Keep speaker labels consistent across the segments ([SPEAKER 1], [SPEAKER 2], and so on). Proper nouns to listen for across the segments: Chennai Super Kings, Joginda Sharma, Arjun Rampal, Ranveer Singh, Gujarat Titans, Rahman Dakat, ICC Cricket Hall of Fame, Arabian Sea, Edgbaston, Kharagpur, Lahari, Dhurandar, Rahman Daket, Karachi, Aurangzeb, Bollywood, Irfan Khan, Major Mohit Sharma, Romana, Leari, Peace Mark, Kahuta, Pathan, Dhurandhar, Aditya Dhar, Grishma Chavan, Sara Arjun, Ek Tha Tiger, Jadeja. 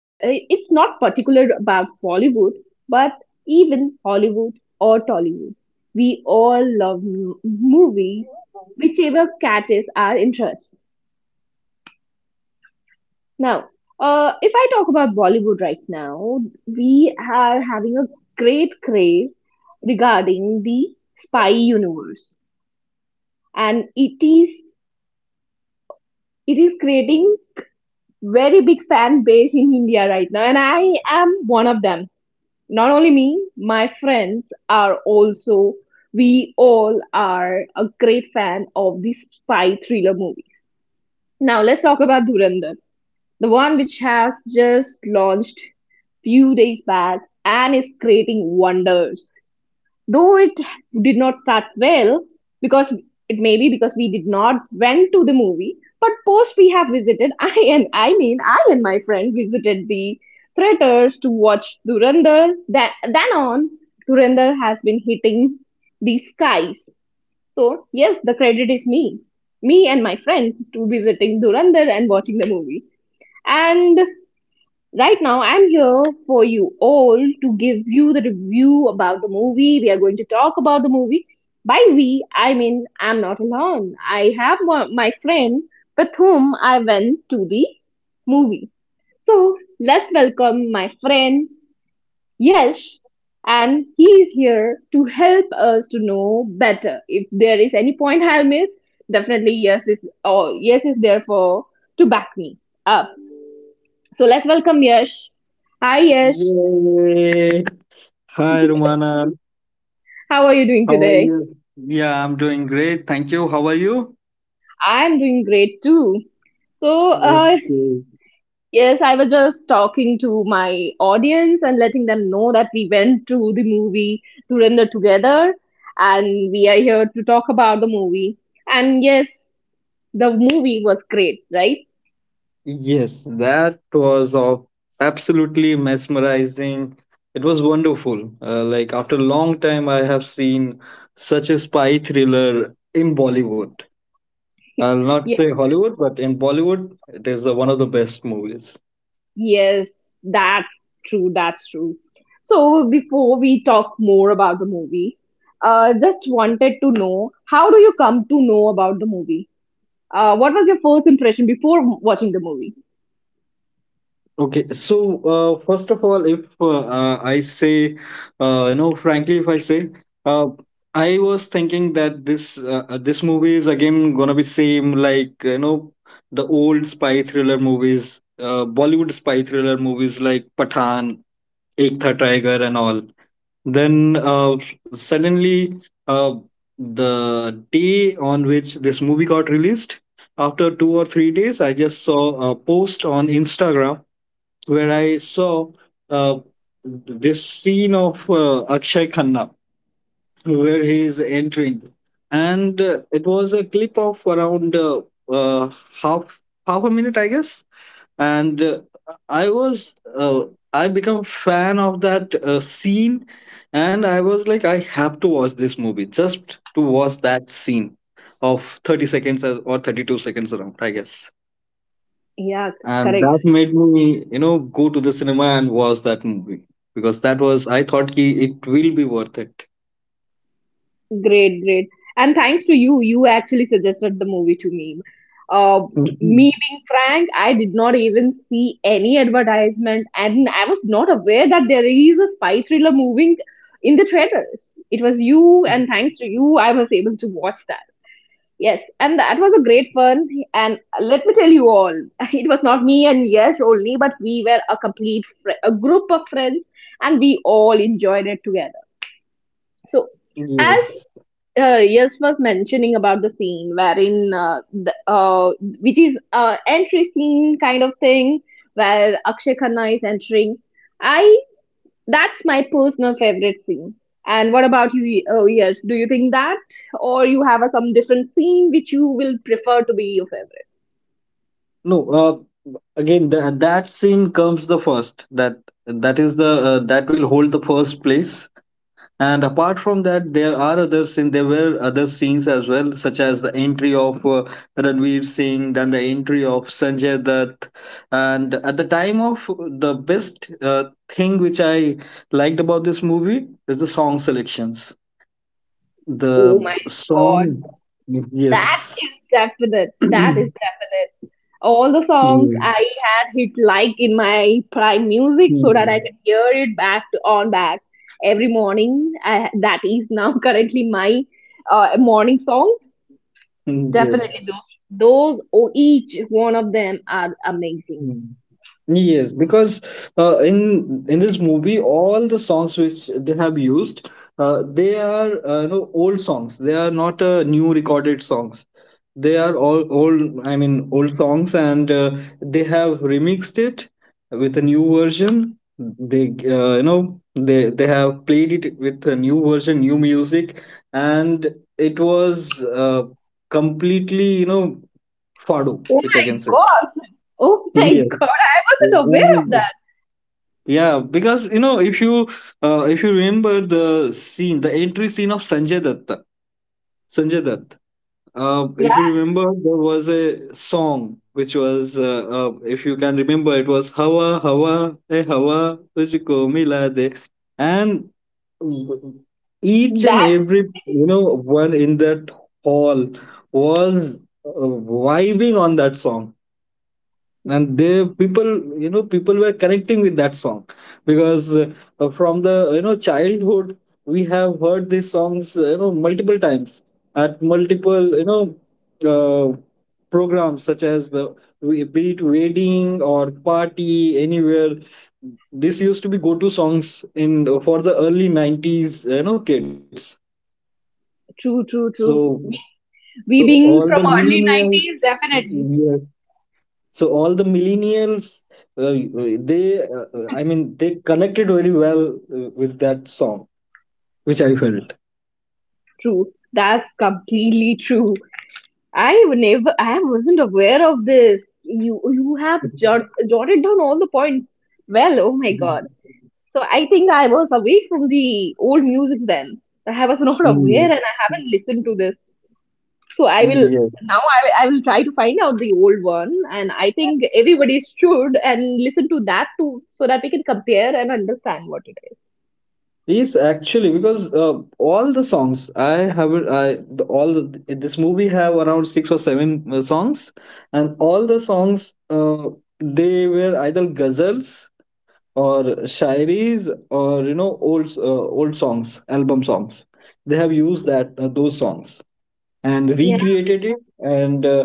[SPEAKER 1] Well, it's not particular about Bollywood, but even Hollywood or Tollywood. We all love movies, whichever catches our interest. Now, if I talk about Bollywood right now, we are having a great craze regarding the spy universe, and it is creating very big fan base in India right now, and I am one of them. Not only me, my friends are also, we all are a great fan of these spy thriller movies. Now, let's talk about Dhurandhar, the one which has just launched few days back and is creating wonders though it did not start well because it may be because we did not went to the movie but post we have visited I mean I and my friend visited the theaters to watch durandar. That then on, durandar has been hitting the skies. So yes, the credit is me and my friends to visiting durandar and watching the movie. And right now, I'm here for you all to give you the review about the movie. We are going to talk about the movie. By we, I mean I'm not alone. I have my friend with whom I went to the movie. So let's welcome my friend Yash, and he is here to help us to know better. If there is any point I'll miss, definitely Yash is, or Yash is there for to back me up. So let's welcome Yash. Hi, Yash.
[SPEAKER 2] Yay! Hi, Romana.
[SPEAKER 1] How are you doing
[SPEAKER 2] How are
[SPEAKER 1] today?
[SPEAKER 2] you? Yeah, I'm doing great. Thank you. How are you?
[SPEAKER 1] I'm doing great too. So,
[SPEAKER 2] Okay.
[SPEAKER 1] yes, I was just talking to my audience and letting them know that we went to the movie Durandar together and we are here to talk about the movie. And yes, the movie was great, right?
[SPEAKER 2] Yes, that was of absolutely mesmerizing. It was wonderful. Like after a long time, I have seen such a spy thriller in Bollywood. I'll not
[SPEAKER 1] Yeah.
[SPEAKER 2] say Hollywood, but in Bollywood, it is one of the best movies.
[SPEAKER 1] Yes, that's true. That's true. So before we talk more about the movie, just wanted to know how do you come to know about the movie? What was your first impression before watching the movie?
[SPEAKER 2] Okay, so first of all, if I say, frankly, if I say, uh, I was thinking that this movie is again gonna be same like the old spy thriller movies, Bollywood spy thriller movies like Pathan, Ek Tha Tiger, and all. Then suddenly, uh, the day on which this movie got released, after 2 or 3 days, I just saw a post on Instagram where I saw uh, this scene of Akshay Khanna where he is entering, and it was a clip of around uh, half half a minute, I guess. And I was uh, I become fan of that scene, and I was like, I have to watch this movie just to watch that scene of 30 seconds or 32 seconds around, I guess.
[SPEAKER 1] Yeah,
[SPEAKER 2] And
[SPEAKER 1] correct.
[SPEAKER 2] that made me go to the cinema and watch that movie, because that was, I thought ki it will be worth it.
[SPEAKER 1] Great, great. And thanks to you, you actually suggested the movie to me. Me
[SPEAKER 2] Mhm.
[SPEAKER 1] being frank, I did not even see any advertisement, and I was not aware that there is a spy thriller moving in the trailers. It was you, and thanks to you, I was able to watch that. Yes, and that was a great fun. And let me tell you all, it was not me and Yash only, but we were a complete a group of friends, and we all enjoyed it together. So, as
[SPEAKER 2] Yes.
[SPEAKER 1] yes was mentioning about the scene wherein which is entry scene kind of thing where Akshay Khanna is entering. I That's my personal favorite scene. And what about you? Oh yes, do you think that, or you have some different scene which you will prefer to be your favorite?
[SPEAKER 2] No, again, that scene comes the first. That will hold the first place. And apart from that, there are other scenes. There were other scenes as well, such as the entry of Ranveer Singh, then the entry of Sanjay Dutt. And at the time of the best thing which I liked about this movie is the song selections.
[SPEAKER 1] Oh
[SPEAKER 2] The
[SPEAKER 1] my god,
[SPEAKER 2] song,
[SPEAKER 1] that's
[SPEAKER 2] yes.
[SPEAKER 1] definite. That is definite. All the songs I
[SPEAKER 2] Yes.
[SPEAKER 1] had hit like in my prime music so that I
[SPEAKER 2] Hmm.
[SPEAKER 1] can hear it back to, on back every morning. That is now currently my morning songs. Definitely
[SPEAKER 2] Yes.
[SPEAKER 1] those. Those, oh, each one of them are amazing.
[SPEAKER 2] Hmm. Yes, because in this movie, all the songs which they have used, they are old songs. They are not new recorded songs. They are all old. I mean, old songs, and they have remixed it with a new version. They you know they have played it with a new version, new music, and it was completely fado,
[SPEAKER 1] Oh
[SPEAKER 2] which I
[SPEAKER 1] my
[SPEAKER 2] can say.
[SPEAKER 1] god! Oh my
[SPEAKER 2] Yes,
[SPEAKER 1] god! I wasn't aware of that.
[SPEAKER 2] yeah, because, if you remember the scene, the entry scene of Sanjay Datta, Sanjay Dutt.
[SPEAKER 1] Yeah,
[SPEAKER 2] If you remember, there was a song which was, if you can remember, it was "Hawa Hawa Hey Hawa Tujhko Mila De," and each and
[SPEAKER 1] that
[SPEAKER 2] every one in that hall was vibing on that song, and they people, people were connecting with that song because, from the childhood, we have heard these songs multiple times at multiple uh, programs such as the, be it wedding or party anywhere. This used to be go-to songs in for the early 90s, kids.
[SPEAKER 1] true,
[SPEAKER 2] so
[SPEAKER 1] true, true.
[SPEAKER 2] so
[SPEAKER 1] We
[SPEAKER 2] all
[SPEAKER 1] being
[SPEAKER 2] the
[SPEAKER 1] from early
[SPEAKER 2] millennials,
[SPEAKER 1] nineties, definitely
[SPEAKER 2] yes. So all the millennials, uh, I mean, they connected very well with that song, which I felt.
[SPEAKER 1] true. That's completely true. I would never. I wasn't aware of this. You have jotted down all the points. Well, oh my
[SPEAKER 2] Mhm.
[SPEAKER 1] god. So I think I was away from the old music then. I was not
[SPEAKER 2] Mm,
[SPEAKER 1] aware,
[SPEAKER 2] yeah.
[SPEAKER 1] and I haven't listened to this. So I
[SPEAKER 2] Mm,
[SPEAKER 1] will
[SPEAKER 2] yes.
[SPEAKER 1] now. I will try to find out the old one, and I think everybody should and listen to that too, so that we can compare and understand what it is.
[SPEAKER 2] Yes, actually, because, all the songs I have, I the, all the, this movie have around six or seven songs, and all the songs, they were either ghazals or shairis or old songs, album songs. They have used that those songs, and
[SPEAKER 1] Yeah.
[SPEAKER 2] recreated it. And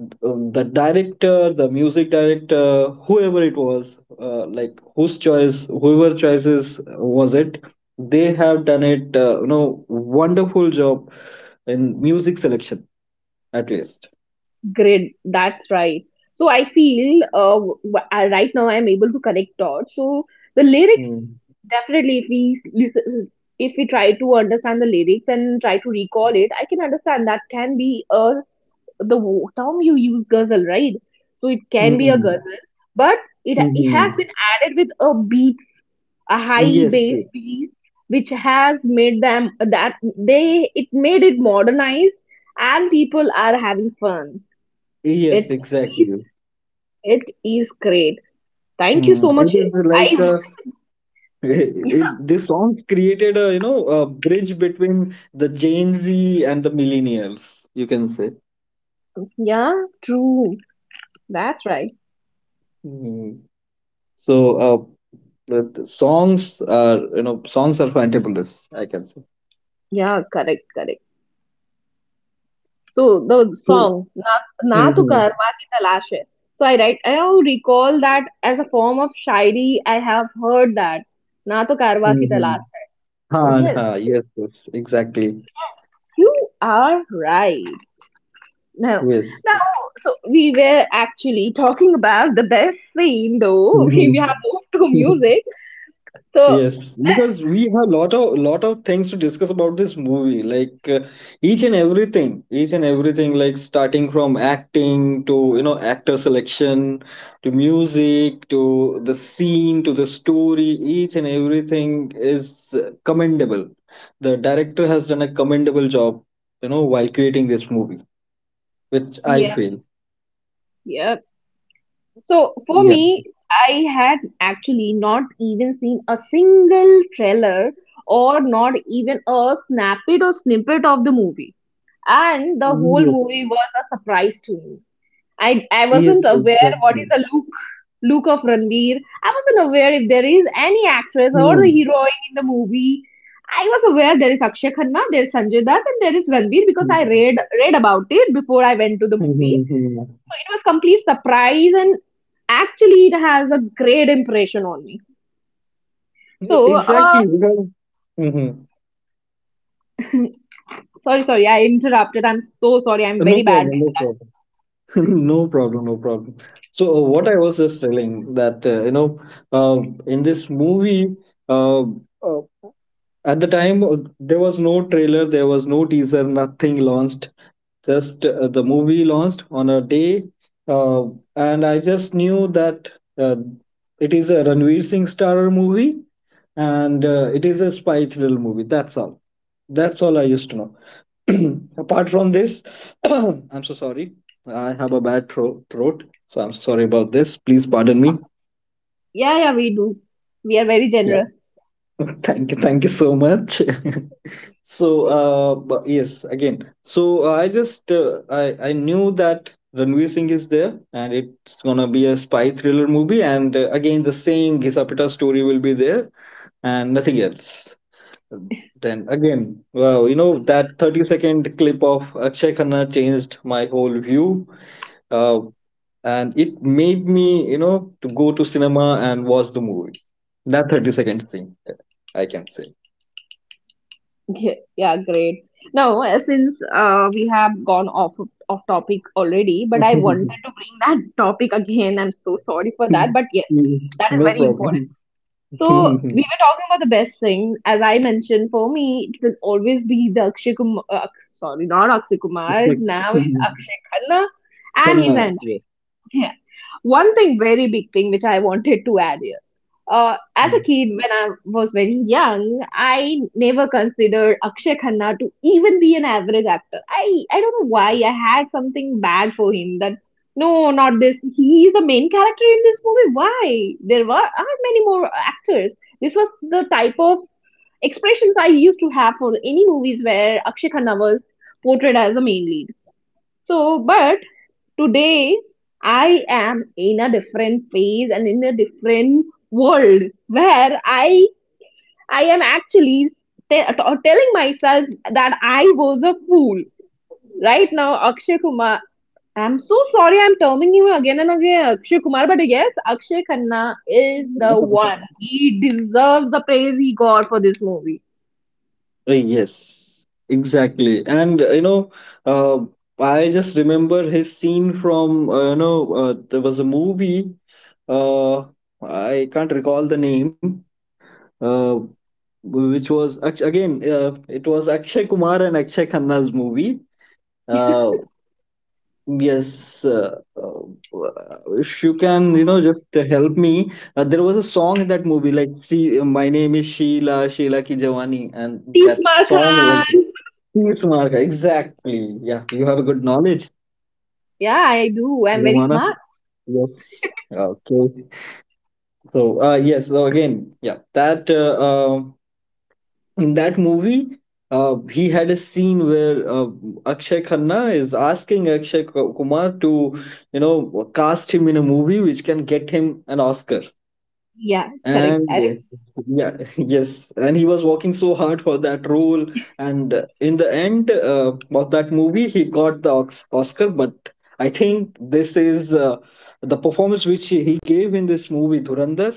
[SPEAKER 2] the director, the music director, whoever it was, like whose choice, whoever choices was it, they have done it. Wonderful job in music selection, at least.
[SPEAKER 1] Great, that's right. So I feel right now I'm able to connect dots. So the lyrics
[SPEAKER 2] Mm.
[SPEAKER 1] definitely, if we listen, if we try to understand the lyrics and try to recall it, I can understand that can be term you use, guzzle, right? So it can be a
[SPEAKER 2] Hmm,
[SPEAKER 1] guzzle, but it
[SPEAKER 2] hmm.
[SPEAKER 1] has been added with a beat, a high
[SPEAKER 2] Yes,
[SPEAKER 1] bass
[SPEAKER 2] yes.
[SPEAKER 1] beat, which has made them that they it made it modernized, and people are having fun.
[SPEAKER 2] Yes,
[SPEAKER 1] It is
[SPEAKER 2] exactly.
[SPEAKER 1] it is great. Thank you
[SPEAKER 2] Hmm.
[SPEAKER 1] so much.
[SPEAKER 2] It is like,
[SPEAKER 1] I
[SPEAKER 2] this songs created a you know a bridge between the gen z and the millennials, you can say.
[SPEAKER 1] Yeah, true. That's right.
[SPEAKER 2] Mm. So, but songs are fantabulous, I can say.
[SPEAKER 1] Yeah, correct, correct. So the
[SPEAKER 2] So,
[SPEAKER 1] song Na Na Tu
[SPEAKER 2] hmm,
[SPEAKER 1] Kar ki Talash Hai. So I write. I now recall that as a form of shairi. I have heard that Na Tu Kar ki
[SPEAKER 2] hmm.
[SPEAKER 1] Talash Hai.
[SPEAKER 2] Ha.
[SPEAKER 1] So yes,
[SPEAKER 2] Ha, yes, yes, exactly.
[SPEAKER 1] you are right. Now,
[SPEAKER 2] Yes.
[SPEAKER 1] now, so we were actually talking about the best scene, though.
[SPEAKER 2] Hmm.
[SPEAKER 1] We have moved to music. So,
[SPEAKER 2] Yes, because we have lot of things to discuss about this movie, like, each and everything, like starting from acting to, actor selection, to music, to the scene, to the story. Each and everything is commendable. The director has done a commendable job, while creating this movie, which I
[SPEAKER 1] yeah,
[SPEAKER 2] feel.
[SPEAKER 1] yeah. So for
[SPEAKER 2] Yeah.
[SPEAKER 1] me, I had actually not even seen a single trailer or not even a snippet or snippet of the movie. And the whole
[SPEAKER 2] Yes,
[SPEAKER 1] movie was a surprise to me. I
[SPEAKER 2] yes,
[SPEAKER 1] wasn't aware what
[SPEAKER 2] exactly.
[SPEAKER 1] is the look of Ranveer. I wasn't aware if there is any actress or the
[SPEAKER 2] Hmm.
[SPEAKER 1] heroine in the movie. I was aware there is Akshay Khanna, there is Sanjay Dutt, and there is Ranveer because I
[SPEAKER 2] Hmm.
[SPEAKER 1] read about it before I went to the
[SPEAKER 2] Hmm,
[SPEAKER 1] movie.
[SPEAKER 2] hmm, hmm.
[SPEAKER 1] So it was complete surprise, and actually it has a great impression on me. So
[SPEAKER 2] Exactly, because, hmm.
[SPEAKER 1] sorry, sorry, I interrupted. I'm so sorry. I'm
[SPEAKER 2] No
[SPEAKER 1] very bad.
[SPEAKER 2] problem, no problem. No problem, no problem. So, what I was just telling that, uh, in this movie, uh, uh, at the time, there was no trailer, there was no teaser, nothing launched. Just the movie launched on a day, uh, and I just knew that, uh, it is a Ranveer Singh starrer movie, and it is a spy thriller movie. That's all. That's all I used to know. Apart from this, I'm so sorry. I have a bad throat, so I'm sorry about this. Please pardon me.
[SPEAKER 1] Yeah, yeah, we do. We are very
[SPEAKER 2] Yeah.
[SPEAKER 1] generous.
[SPEAKER 2] Thank you. Thank you so much. So, but yes, again. So I just I knew that Ranveer Singh is there, and it's gonna be a spy thriller movie, and, again, the same Ghisa Pitta story will be there, and nothing else. Then again, wow, that 30-second clip of Akshay Khanna changed my whole view, uh, and it made me, to go to cinema and watch the movie, that 30 seconds thing, I can say.
[SPEAKER 1] Yeah, yeah, great. Now, since we have gone off topic already, but I wanted to bring that topic again. I'm so sorry for that, but yes, that is
[SPEAKER 2] No
[SPEAKER 1] very important.
[SPEAKER 2] problem.
[SPEAKER 1] So
[SPEAKER 2] It's
[SPEAKER 1] we were talking about the best thing. As I mentioned, for me, it will always be the Akshay Kumar. Sorry, not Akshay Kumar.
[SPEAKER 2] like
[SPEAKER 1] Now it's Akshay Khanna, and he's
[SPEAKER 2] Tanna,
[SPEAKER 1] an
[SPEAKER 2] yes.
[SPEAKER 1] yeah. One thing, very big thing, which I wanted to add here. As a
[SPEAKER 2] Mm.
[SPEAKER 1] kid, when I was very young, I never considered Akshay Khanna to even be an average actor. I don't know why I had something bad for him that no, not this. He is the main character in this movie. Why? There were aren't many more actors. This was the type of expressions I used to have for any movies where Akshay Khanna was portrayed as a main lead. So, but today, I am in a different phase and in a different world where I am actually telling myself that I was a fool. Right now, Akshay Kumar. I'm so sorry I'm terming him again and again Akshay Kumar, but yes, Akshay Khanna is the
[SPEAKER 2] Uh,
[SPEAKER 1] one. He deserves the praise he got for this movie.
[SPEAKER 2] Yes, exactly. And, uh, I just remember his scene from, there was a movie. Uh, I can't recall the name, uh, which was, again, it was Akshay Kumar and Akshay Khanna's movie. Uh, yes, if you can, just help me. There was a song in that movie like "See, my name is Sheila, Sheila Ki Jawani," and
[SPEAKER 1] T
[SPEAKER 2] that
[SPEAKER 1] Smart
[SPEAKER 2] song was
[SPEAKER 1] Khan.
[SPEAKER 2] "Peace Mark." Exactly. Yeah, you have a good knowledge,
[SPEAKER 1] Yeah, I do. I'm very
[SPEAKER 2] Romana.
[SPEAKER 1] smart.
[SPEAKER 2] Yes. Okay. So, yes. So again, yeah, that. In that movie, he had a scene where, Akshay Khanna is asking Akshay Kumar to, cast him in a movie which can get him an Oscar.
[SPEAKER 1] Yeah, correct,
[SPEAKER 2] And,
[SPEAKER 1] correct.
[SPEAKER 2] yeah, yes, and he was working so hard for that role. And, in the end, of that movie, he got the Oscar. But I think this is, the performance which he gave in this movie, Dhurandhar,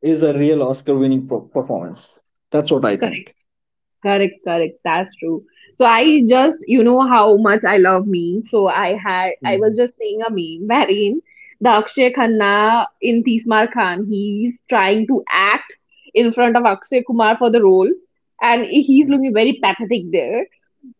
[SPEAKER 2] is a real Oscar winning performance. That's what I think.
[SPEAKER 1] Correct, correct. That's true. So I just, you know, how much I love memes. So I was just seeing a meme wherein the Akshay Khanna in Tismar Khan, he's trying to act in front of Akshay Kumar for the role, and he's
[SPEAKER 2] Mm.
[SPEAKER 1] looking very pathetic there.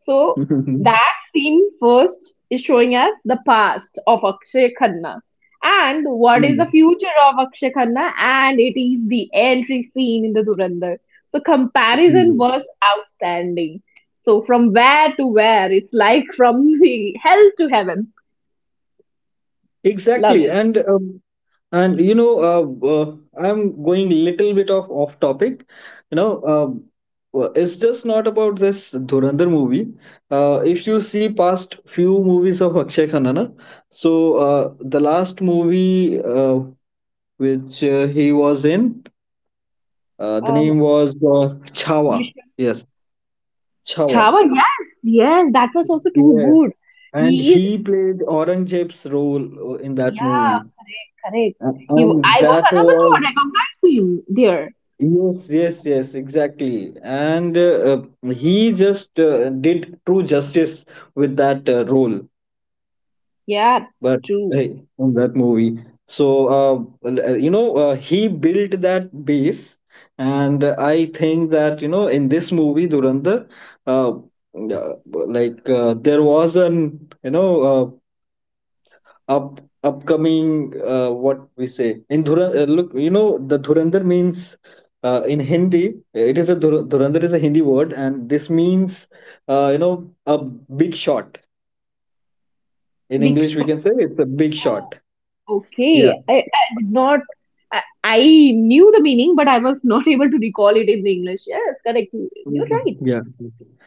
[SPEAKER 1] So that scene first is showing us the past of Akshay Khanna. And what is the
[SPEAKER 2] Mm.
[SPEAKER 1] future of Akshay Khanna? And it is the entry scene in the Durandar. So comparison
[SPEAKER 2] Mm.
[SPEAKER 1] was outstanding. So from where to where? It's like from the hell to heaven. Love
[SPEAKER 2] Exactly.
[SPEAKER 1] it.
[SPEAKER 2] And, and I'm going little bit off topic. you know um, well, it's just not about this Dhurandhar movie. If you see past few movies of Akshay Khanna, na, so, the last movie, which, he was in, the
[SPEAKER 1] Um,
[SPEAKER 2] name was, Chhawa.
[SPEAKER 1] Grishma
[SPEAKER 2] Yes, Chhawa.
[SPEAKER 1] Chavan, yes, yes, that was also too
[SPEAKER 2] Yes,
[SPEAKER 1] good.
[SPEAKER 2] and
[SPEAKER 1] He is,
[SPEAKER 2] he played Aurangzeb's role in that
[SPEAKER 1] yeah,
[SPEAKER 2] movie.
[SPEAKER 1] correct, correct. He,
[SPEAKER 2] And
[SPEAKER 1] I was
[SPEAKER 2] that
[SPEAKER 1] unable to
[SPEAKER 2] was,
[SPEAKER 1] recognize him there.
[SPEAKER 2] yes, yes, yes, exactly. And, he just did true justice with that role,
[SPEAKER 1] Yeah,
[SPEAKER 2] but
[SPEAKER 1] true.
[SPEAKER 2] in that movie. So, uh, he built that base, and I think that, in this movie, Durandar, uh, uh, like, there was an, uh, up upcoming what we say in Dhura, look, the Dhurandar means, in Hindi it is a, Dhurandar is a Hindi word, and this means, a big shot. In
[SPEAKER 1] Big
[SPEAKER 2] English we
[SPEAKER 1] so
[SPEAKER 2] can say it's a big shot. Yeah.
[SPEAKER 1] okay. I did not I knew the meaning, but I was not able to recall it in the English. Yes, correct. You're
[SPEAKER 2] Mhm.
[SPEAKER 1] right.
[SPEAKER 2] Yeah.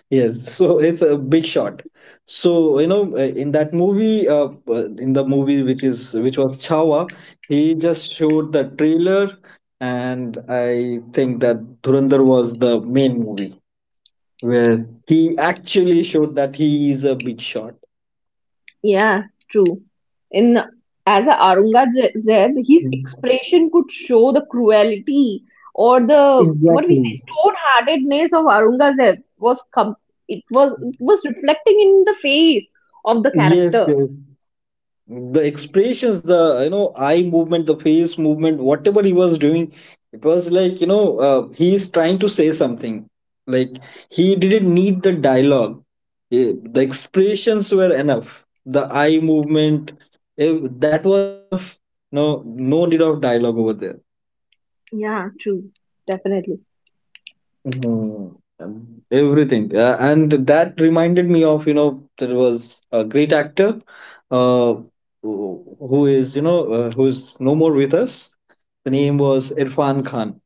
[SPEAKER 2] Yes. So it's a big shot. So, in that movie, in the movie which was Chawa, he just showed the trailer, and I think that Dhurandhar was the main movie where he actually showed that he is a big shot.
[SPEAKER 1] Yeah, true. In As a Aurangzeb, his expression could show the cruelty or the what we
[SPEAKER 2] Exactly.
[SPEAKER 1] say stone-heartedness of Aurangzeb was it was reflecting in the face of the
[SPEAKER 2] Yes,
[SPEAKER 1] character.
[SPEAKER 2] yes. The expressions, the eye movement, the face movement, whatever he was doing, it was like, he is trying to say something, like, he didn't need the dialogue. Eh, the expressions were enough, the eye movement, if, that was enough, no, no need of dialogue over there.
[SPEAKER 1] Yeah, true. Definitely.
[SPEAKER 2] Mhm. Everything, and that reminded me of, there was a great actor, uh, who is no more with us. The name was Irfan Khan.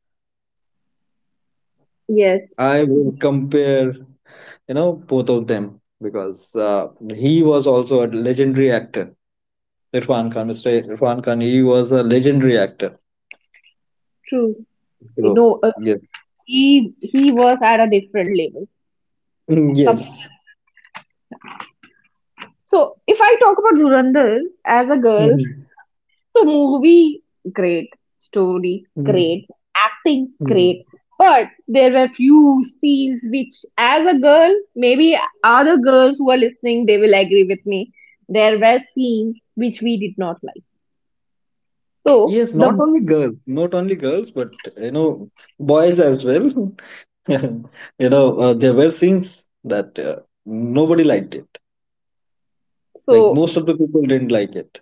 [SPEAKER 1] Yes,
[SPEAKER 2] I will compare, both of them, because, he was also a legendary actor. Irfan Khan, Mr. Irfan Khan, he was a legendary actor.
[SPEAKER 1] true. You
[SPEAKER 2] So,
[SPEAKER 1] know,
[SPEAKER 2] yes.
[SPEAKER 1] he was at a different level.
[SPEAKER 2] Mm, yes.
[SPEAKER 1] So if I talk about Dhurandhar as a girl,
[SPEAKER 2] Mhm.
[SPEAKER 1] so movie great, story
[SPEAKER 2] Mhm.
[SPEAKER 1] great, acting
[SPEAKER 2] Mhm.
[SPEAKER 1] great, but there were few scenes which, as a girl, maybe other girls who are listening, they will agree with me. There were scenes which we did not like. So
[SPEAKER 2] Yes, not
[SPEAKER 1] the
[SPEAKER 2] only girls, not only girls, but, boys as well. There were scenes that, nobody liked it. Like
[SPEAKER 1] so
[SPEAKER 2] most of the people didn't like it.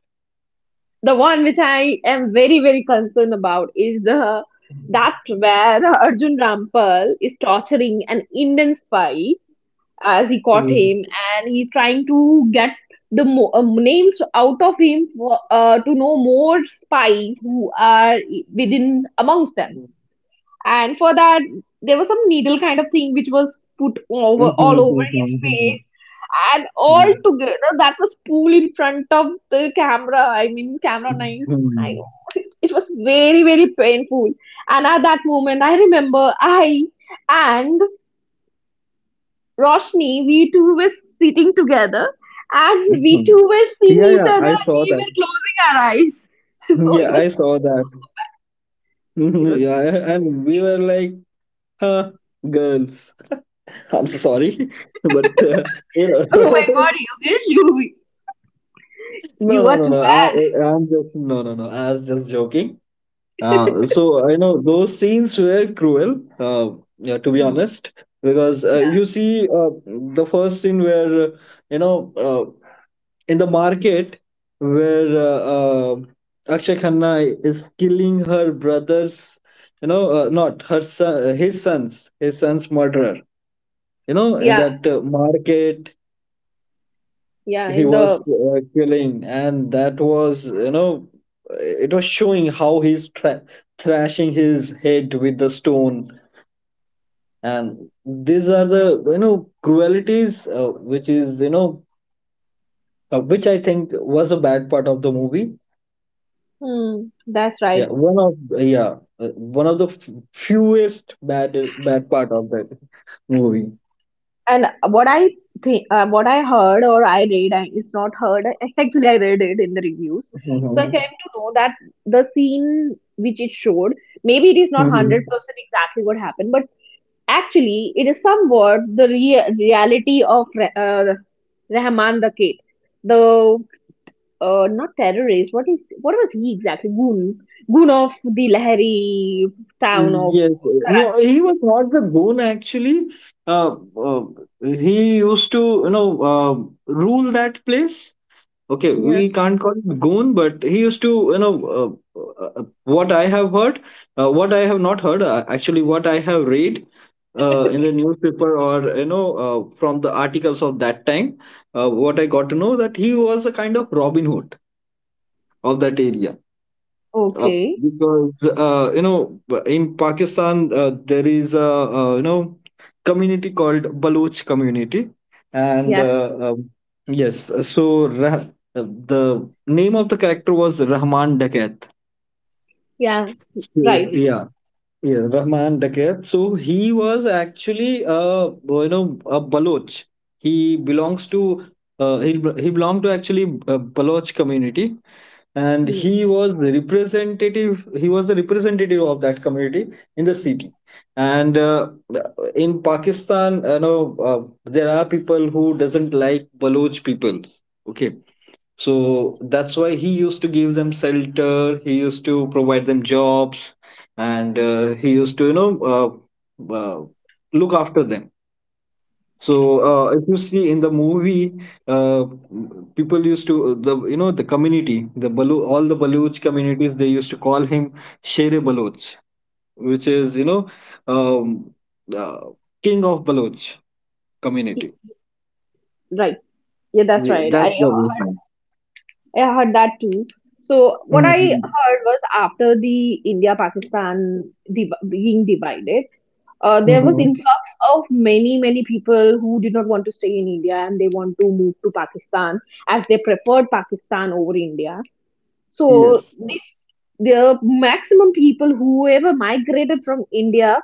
[SPEAKER 1] the one which I am very very concerned about is the that where Arjun Rampal is torturing an Indian spy as he caught
[SPEAKER 2] Yes.
[SPEAKER 1] him, and he's trying to get names out of him for, to know more spies who are within, amongst them. And for that, there was some needle kind of thing which was put over
[SPEAKER 2] Mhm,
[SPEAKER 1] all over
[SPEAKER 2] mhm,
[SPEAKER 1] his
[SPEAKER 2] mhm,
[SPEAKER 1] face, and all together that was pulled in front of the camera. I mean, camera knives. I
[SPEAKER 2] mhm,
[SPEAKER 1] know it was very very painful. And at that moment, I remember I and Roshni, we two were sitting together, and
[SPEAKER 2] mhm,
[SPEAKER 1] we
[SPEAKER 2] mhm.
[SPEAKER 1] two were seeing
[SPEAKER 2] Yeah,
[SPEAKER 1] each
[SPEAKER 2] yeah,
[SPEAKER 1] other,
[SPEAKER 2] I
[SPEAKER 1] and
[SPEAKER 2] saw
[SPEAKER 1] we
[SPEAKER 2] that.
[SPEAKER 1] were closing our eyes. So
[SPEAKER 2] Yeah, I saw that.
[SPEAKER 1] it
[SPEAKER 2] Mhm,
[SPEAKER 1] was
[SPEAKER 2] yeah, and we were like, huh, girls. I'm so sorry, but you
[SPEAKER 1] oh my
[SPEAKER 2] know,
[SPEAKER 1] god, Yogesh, you,
[SPEAKER 2] no,
[SPEAKER 1] you
[SPEAKER 2] no,
[SPEAKER 1] are
[SPEAKER 2] no,
[SPEAKER 1] too
[SPEAKER 2] no.
[SPEAKER 1] bad.
[SPEAKER 2] I'm just no. I was just joking. So I know those scenes were cruel. Yeah, to be
[SPEAKER 1] Hmm.
[SPEAKER 2] honest, because
[SPEAKER 1] Yeah,
[SPEAKER 2] if you see the first scene where you know uh, in the market where Akshay Khanna is killing her brothers, not her son, his sons, his son's murderer. You know, in
[SPEAKER 1] yeah,
[SPEAKER 2] that market
[SPEAKER 1] yeah.
[SPEAKER 2] he
[SPEAKER 1] In the,
[SPEAKER 2] was killing, and that was, you know, it was showing how thrashing his head with the stone, and these are the, you know, cruelties which is, you know, which I think was a bad part of the movie.
[SPEAKER 1] hmm, that's
[SPEAKER 2] Yeah,
[SPEAKER 1] right.
[SPEAKER 2] yeah, uh, one of the fewest bad bad part of that movie.
[SPEAKER 1] And what I think, what I heard or I read, I, it's not heard, actually, I read it in the reviews. So I
[SPEAKER 2] Mhm.
[SPEAKER 1] came to know that the scene which it showed, maybe it is not
[SPEAKER 2] Mhm.
[SPEAKER 1] 100% exactly what happened, but actually, it is somewhat the reality of Rahman the Kid, the not terrorist. What is what was he exactly? Goon, goon of the Lahari town of
[SPEAKER 2] Yes, no,
[SPEAKER 1] Karachi.
[SPEAKER 2] he was not the goon actually. Uh, uh, he used to, you know, rule that place. Okay,
[SPEAKER 1] Yeah.
[SPEAKER 2] we can't call it goon, but he used to, you know, what I have heard, what I have not heard, actually, what I have read in the newspaper or, you know, from the articles of that time, what I got to know that he was a kind of Robin Hood of that area uh,
[SPEAKER 1] Okay.
[SPEAKER 2] because, you know, in Pakistan there is a, you know, community called Baloch community, and
[SPEAKER 1] Yeah.
[SPEAKER 2] yes, uh, the name of the character was Rahman Dakat.
[SPEAKER 1] Yeah.
[SPEAKER 2] So
[SPEAKER 1] Right.
[SPEAKER 2] yeah, yeah, Rahman Dakir. So he was actually, uh, you know, a Baloch. He belongs to uh, he he belonged to actually a Baloch community, and
[SPEAKER 1] Hmm.
[SPEAKER 2] he was the representative. He was the representative of that community in the city. And in Pakistan, you know, there are people who doesn't like Baloch peoples. Okay, so that's why he used to give them shelter, he used to provide them jobs, and he used to, you know, look after them. So if you see in the movie, uh, people used to the you know the community, all the Baloch communities, they used to call him Shere Baloch, which is, you know, um, uh, King of Baloch
[SPEAKER 1] Y-
[SPEAKER 2] community.
[SPEAKER 1] Right. Yeah, that's right.
[SPEAKER 2] That's the reason.
[SPEAKER 1] I heard that too. So what I
[SPEAKER 2] Hmm.
[SPEAKER 1] heard was, after the India Pakistan being divided, there was
[SPEAKER 2] Hmm.
[SPEAKER 1] influx of many many people who did not want to stay in india and they want to move to pakistan as they preferred pakistan over india. So
[SPEAKER 2] Yes.
[SPEAKER 1] this the maximum people whoever migrated from india,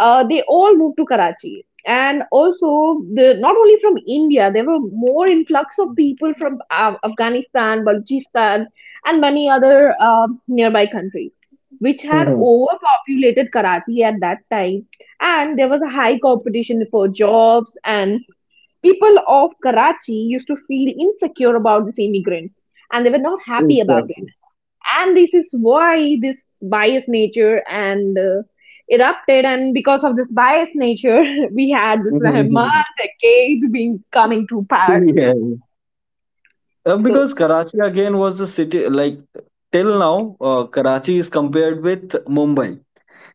[SPEAKER 1] they all moved to Karachi. And also, the, not only from India, there were more influx of people from Afghanistan, Balochistan, and many other nearby countries, which had overpopulated Karachi at that time. And there was a high competition for jobs, and people of Karachi used to feel insecure about this immigrant, and they were not happy about it.
[SPEAKER 2] Exactly.
[SPEAKER 1] And this is why this bias nature and erupted, and because of this bias nature we had this Rahman
[SPEAKER 2] Mhm.
[SPEAKER 1] decade being coming to power.
[SPEAKER 2] Yeah, yeah.
[SPEAKER 1] So
[SPEAKER 2] Because Karachi again was the city, like till now, Karachi is compared with Mumbai.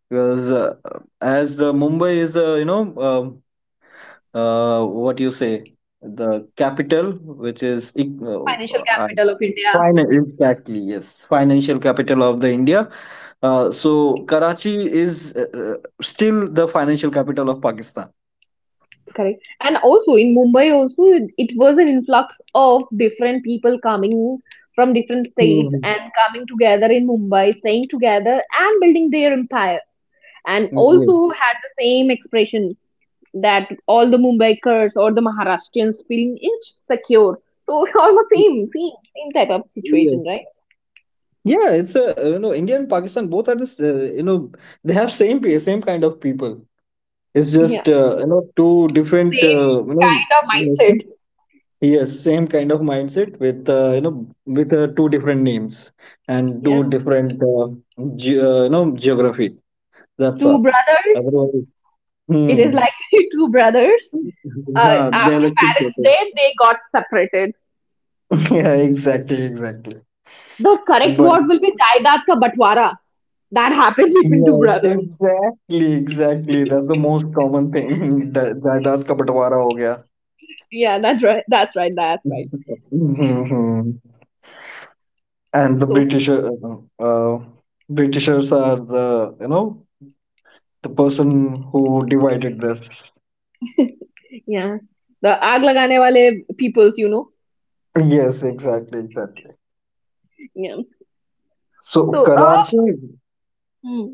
[SPEAKER 2] Because as the Mumbai is the, you know, what you say, the capital,
[SPEAKER 1] financial capital of india.
[SPEAKER 2] finance, exactly, yes, financial capital of the India. So Karachi is, still the financial capital of Pakistan.
[SPEAKER 1] Correct. And also in mumbai also it was an influx of different people coming from different states
[SPEAKER 2] Mhm.
[SPEAKER 1] and coming together in mumbai staying together and building their empire, and also had the same expression that all the Mumbaikars or the Maharashtrians feeling insecure. So almost
[SPEAKER 2] Yes.
[SPEAKER 1] same, same, same type of situation,
[SPEAKER 2] Yes.
[SPEAKER 1] right?
[SPEAKER 2] Yeah, it's a, you know, India and Pakistan both are this, you know, they have same kind of people. It's
[SPEAKER 1] Yeah,
[SPEAKER 2] just, you know, two different,
[SPEAKER 1] same
[SPEAKER 2] you know,
[SPEAKER 1] kind of
[SPEAKER 2] nations.
[SPEAKER 1] mindset.
[SPEAKER 2] Yes, same kind of mindset with, you know, with, two different names and
[SPEAKER 1] Yeah.
[SPEAKER 2] two different, you know, geography. That's
[SPEAKER 1] Two
[SPEAKER 2] all.
[SPEAKER 1] brothers.
[SPEAKER 2] Otherwise,
[SPEAKER 1] It is
[SPEAKER 2] hmm.
[SPEAKER 1] likely two brothers.
[SPEAKER 2] Yeah, they're
[SPEAKER 1] After
[SPEAKER 2] like two
[SPEAKER 1] parents'
[SPEAKER 2] people.
[SPEAKER 1] death, they got separated.
[SPEAKER 2] Yeah, exactly, exactly.
[SPEAKER 1] The correct
[SPEAKER 2] But
[SPEAKER 1] word will be Jaidat ka Batwara. That happened between two
[SPEAKER 2] yes,
[SPEAKER 1] brothers.
[SPEAKER 2] exactly, exactly. That's the most common thing. Jaidad ka बंटवारा हो गया.
[SPEAKER 1] Yeah, that's right. That's right. That's right.
[SPEAKER 2] Mhm. And the
[SPEAKER 1] So
[SPEAKER 2] Britisher, uh, uh, Britishers are the, you know, the person who divided this.
[SPEAKER 1] yeah, the aag lagane wale peoples, you know.
[SPEAKER 2] Yes, exactly, exactly.
[SPEAKER 1] Yeah.
[SPEAKER 2] So
[SPEAKER 1] So
[SPEAKER 2] Karachi.
[SPEAKER 1] hmm,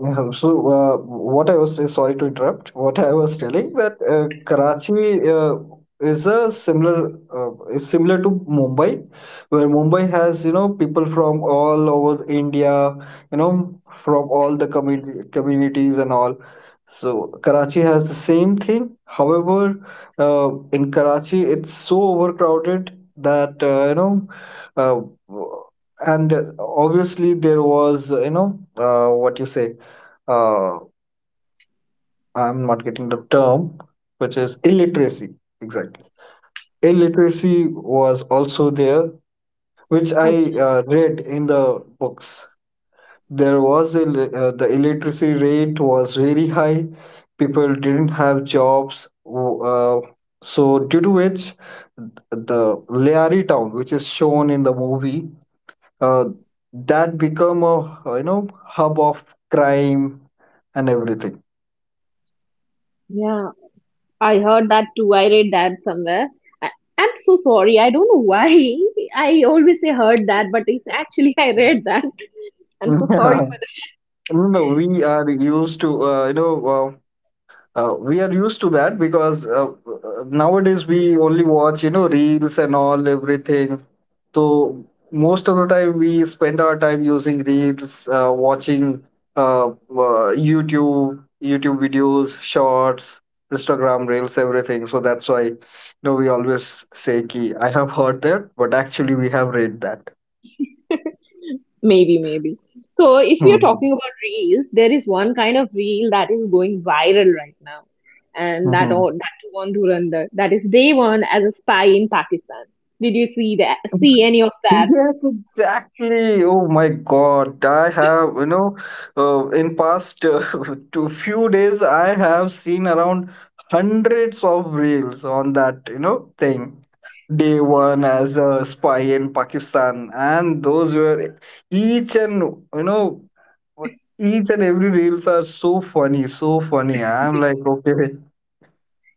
[SPEAKER 2] Yeah, so, what I was sorry to interrupt, what I was telling that Karachi, is similar to Mumbai, where Mumbai has, you know, people from all over India, you know, from all the community communities and all. So Karachi has the same thing. However, in Karachi, it's so overcrowded that, you know uh, and obviously there was, you know, what you say, uh, I'm not getting the term, which is illiteracy. Exactly. Illiteracy was also there, which I,
[SPEAKER 1] okay,
[SPEAKER 2] read in the books. There was a, the illiteracy rate was very high. People didn't have jobs. w- Uh, so due to which the Leari town, which is shown in the movie, uh, that become a, you know, hub of crime and everything.
[SPEAKER 1] yeah. I heard that too. I read that somewhere. I, I'm so sorry. I don't know why. I always say heard that, but it's actually I read that. I'm so sorry.
[SPEAKER 2] No, no, we are used to, you know, we are used to that because, nowadays we only watch, you know, reels and all, everything. So most of the time we spend our time using reels, watching, YouTube, YouTube videos, shorts, Instagram reels, everything. So that's why, you know, we always say, ki, I have heard that, but actually we have read that.
[SPEAKER 1] For maybe, maybe. So if we are
[SPEAKER 2] Hmm.
[SPEAKER 1] talking about reels, there is one kind of reel that is going viral right now, and that
[SPEAKER 2] Hmm.
[SPEAKER 1] all that too on Dhurandhar. That is day one as a spy in Pakistan. Did you see that?
[SPEAKER 2] Hmm.
[SPEAKER 1] See any of that?
[SPEAKER 2] Yes, exactly. Oh my God. I have, you know, in past, two few days, I have seen around hundreds of reels on that, you know, thing. Day one as a spy in Pakistan, and those were each and, you know, each and every reels are so funny, so funny. I'm like, okay,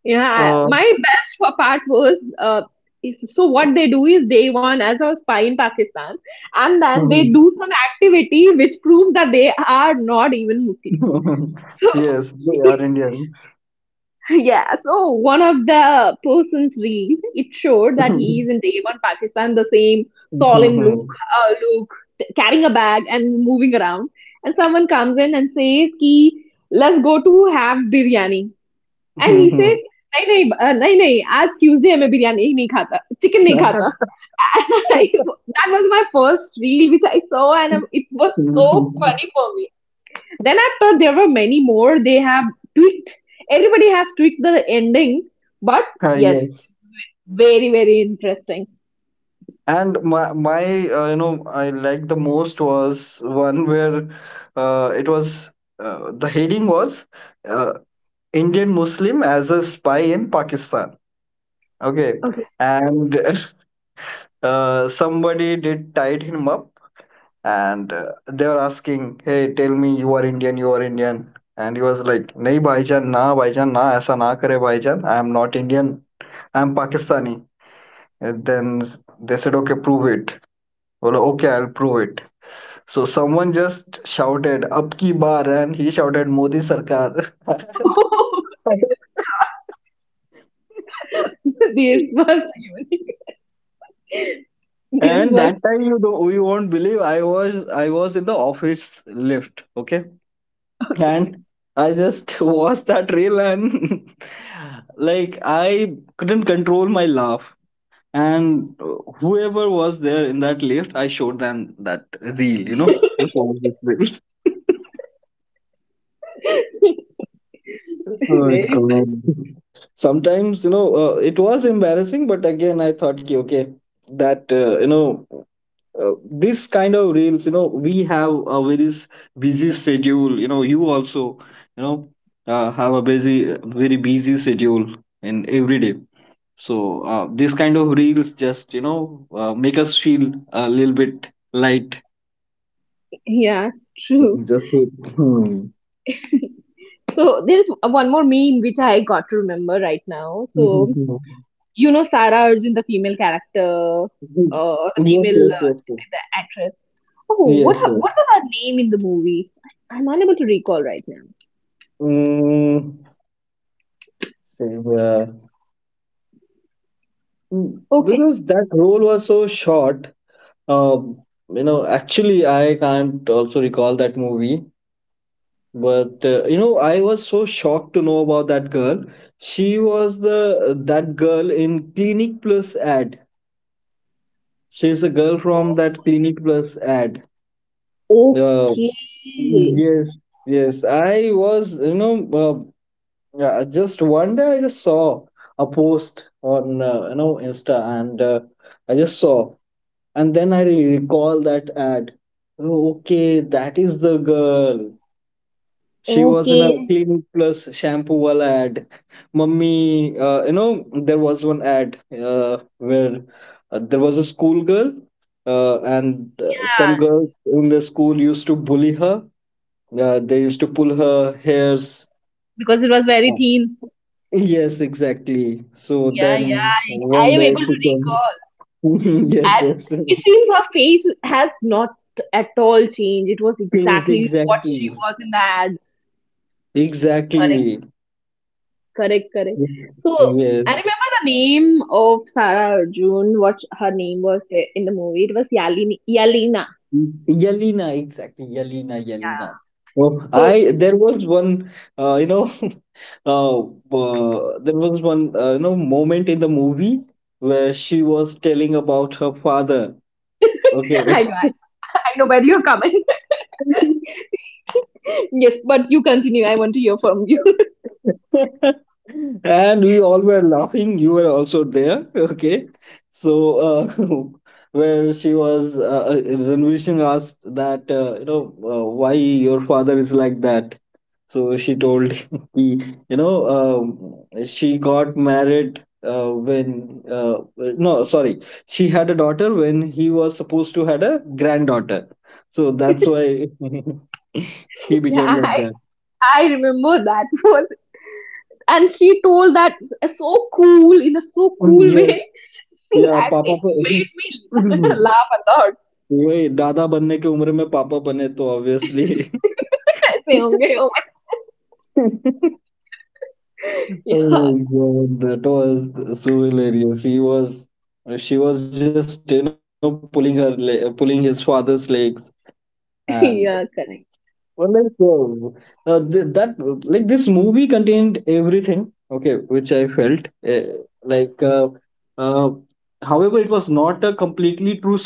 [SPEAKER 1] Yeah,
[SPEAKER 2] uh,
[SPEAKER 1] my best part was so what they do is day one as a spy in Pakistan, and then they do some activity which proves that they are not even Muslims. So
[SPEAKER 2] yes, they are Indians.
[SPEAKER 1] yeah, so one of the persons read it showed that he is in day one Pakistan, the same solemn look, look, carrying a bag and moving around, and someone comes in and says, "Ki let's go to have biryani." And he
[SPEAKER 2] Mhm.
[SPEAKER 1] Says नहीं नहीं अ, नहीं नहीं आज Tuesday है मैं बिरयानी नहीं खाता chicken नहीं खाता. That was my first reel which I saw, and it was so
[SPEAKER 2] Mhm.
[SPEAKER 1] funny for me. Then after there were many more. They have tweaked. Everybody has tweaked the ending, but
[SPEAKER 2] Ah,
[SPEAKER 1] yes,
[SPEAKER 2] yes.
[SPEAKER 1] very very interesting.
[SPEAKER 2] And my you know, I liked the most was one where, it was the heading was, uh, Indian Muslim as a spy in Pakistan. Okay,
[SPEAKER 1] Okay.
[SPEAKER 2] and somebody did tied him up, and they were asking, "Hey, tell me you are Indian, you are Indian." And he was like, "नहीं Bhaijan, na, ऐसा na kare Bhaijan. I am not Indian. I am Pakistani." And then they said, okay, prove it. Well, okay, I'll prove it. So someone just shouted, up ki bar, and he shouted, Modi Sarkar.
[SPEAKER 1] this was this
[SPEAKER 2] And
[SPEAKER 1] was
[SPEAKER 2] that time, you don't, you won't believe, I was in the office lift, okay, and I just watched that reel and like I couldn't control my laugh. And whoever was there in that lift, I showed them that reel, you know. Just watch this reel. Oh my
[SPEAKER 1] very
[SPEAKER 2] God. Sometimes, you know, it was embarrassing, but again, I thought, "Ki, okay, that, you know, uh, this kind of reels, you know, we have a very busy schedule. You know, you also, you know, have a busy, very busy schedule in every day. So, this kind of reels just, you know, make us feel a little bit light.
[SPEAKER 1] yeah true.
[SPEAKER 2] Just, hmm.
[SPEAKER 1] So there is one more meme which I got to remember right now.
[SPEAKER 2] Yes,
[SPEAKER 1] So you know Sara Arjun, the female character, or the
[SPEAKER 2] yes,
[SPEAKER 1] female
[SPEAKER 2] yes, yes. Yes,
[SPEAKER 1] the actress. Oh, what
[SPEAKER 2] yes.
[SPEAKER 1] what was her name in the movie? I'm unable to recall right now.
[SPEAKER 2] Mm, same, yeah. Mm,
[SPEAKER 1] Okay,
[SPEAKER 2] because that role was so short. Um, you know, actually, I can't also recall that movie. But, you know, I was so shocked to know about that girl. She was the That girl in Clinic Plus ad. She's a girl from that Clinic Plus ad. Uh,
[SPEAKER 1] okay,
[SPEAKER 2] yes, yes. I was, you know, yeah, I just one day I just saw a post on, you know, Insta, and, I just saw, and then recall that ad. Oh, okay, that is the girl. She was in a
[SPEAKER 1] okay.
[SPEAKER 2] Clinic Plus shampoo wala ad. Mummy, you know, there was one ad where, there was a school girl, and
[SPEAKER 1] Yeah,
[SPEAKER 2] some girls in the school used to bully her. They used to pull her hairs
[SPEAKER 1] because it was very
[SPEAKER 2] uh,
[SPEAKER 1] thin.
[SPEAKER 2] yes, exactly. So
[SPEAKER 1] Yeah, yeah.
[SPEAKER 2] then one
[SPEAKER 1] I am
[SPEAKER 2] day
[SPEAKER 1] able
[SPEAKER 2] she
[SPEAKER 1] to
[SPEAKER 2] can.
[SPEAKER 1] recall,
[SPEAKER 2] Yes,
[SPEAKER 1] and
[SPEAKER 2] yes.
[SPEAKER 1] it seems her face has not at all changed. It was
[SPEAKER 2] Yes,
[SPEAKER 1] exactly what she
[SPEAKER 2] exactly.
[SPEAKER 1] was in the ad. Her
[SPEAKER 2] Exactly.
[SPEAKER 1] correct, correct. So
[SPEAKER 2] Yes.
[SPEAKER 1] I remember the name of Sarah Arjun, what her name was there in the movie. It was Yalini, Yalina.
[SPEAKER 2] Yelena, exactly. Yelena, Yelena. Oh,
[SPEAKER 1] So
[SPEAKER 2] I there was one, you know, there was one, you know, moment in the movie where she was telling about her father. Okay.
[SPEAKER 1] I know where you're coming. Yes, but you continue. I want to hear from you.
[SPEAKER 2] And we all were laughing, you were also there. Okay, so, uh, where she was, Ranveer Singh asked that, you know, why your father is like that. So she told him, he you know, she got married, when no sorry, she had a daughter when he was supposed to had a granddaughter, so that's why he
[SPEAKER 1] Yeah,
[SPEAKER 2] became like that.
[SPEAKER 1] I remember that was, and she told that so cool in a so
[SPEAKER 2] Mm,
[SPEAKER 1] cool way
[SPEAKER 2] yes. या
[SPEAKER 1] that
[SPEAKER 2] पापा
[SPEAKER 1] it
[SPEAKER 2] तो
[SPEAKER 1] made me laugh a lot.
[SPEAKER 2] वही दादा बनने की उम्र में पापा बने तो obviously.
[SPEAKER 1] I say, okay, oh my, yeah,
[SPEAKER 2] Oh my God, that was so hilarious. She was just, you know, pulling her le pulling his father's legs, and
[SPEAKER 1] yeah,
[SPEAKER 2] well, like, th that, like, this movie contained everything. Okay, which I felt, uh, like, uh, uh, however, it was not a completely true story.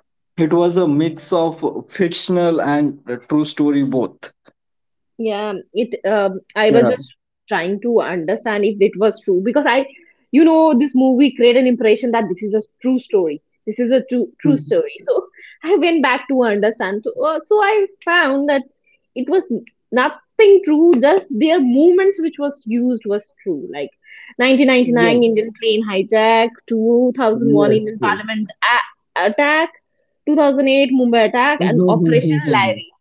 [SPEAKER 2] It was a mix of fictional and a true story, both.
[SPEAKER 1] yeah, it
[SPEAKER 2] Yeah.
[SPEAKER 1] I was just trying to understand if it was true because I you know this movie created an impression that this is a true story. This is a true
[SPEAKER 2] Hmm.
[SPEAKER 1] true story. So I went back to understand. So, so I found that it was nothing true, just their movements which was used was true. Like
[SPEAKER 2] Yes,
[SPEAKER 1] 1999 Indian plane hijack, 2001
[SPEAKER 2] yes,
[SPEAKER 1] Indian
[SPEAKER 2] yes.
[SPEAKER 1] Parliament attack, 2008 Mumbai attack, and Operation Larry.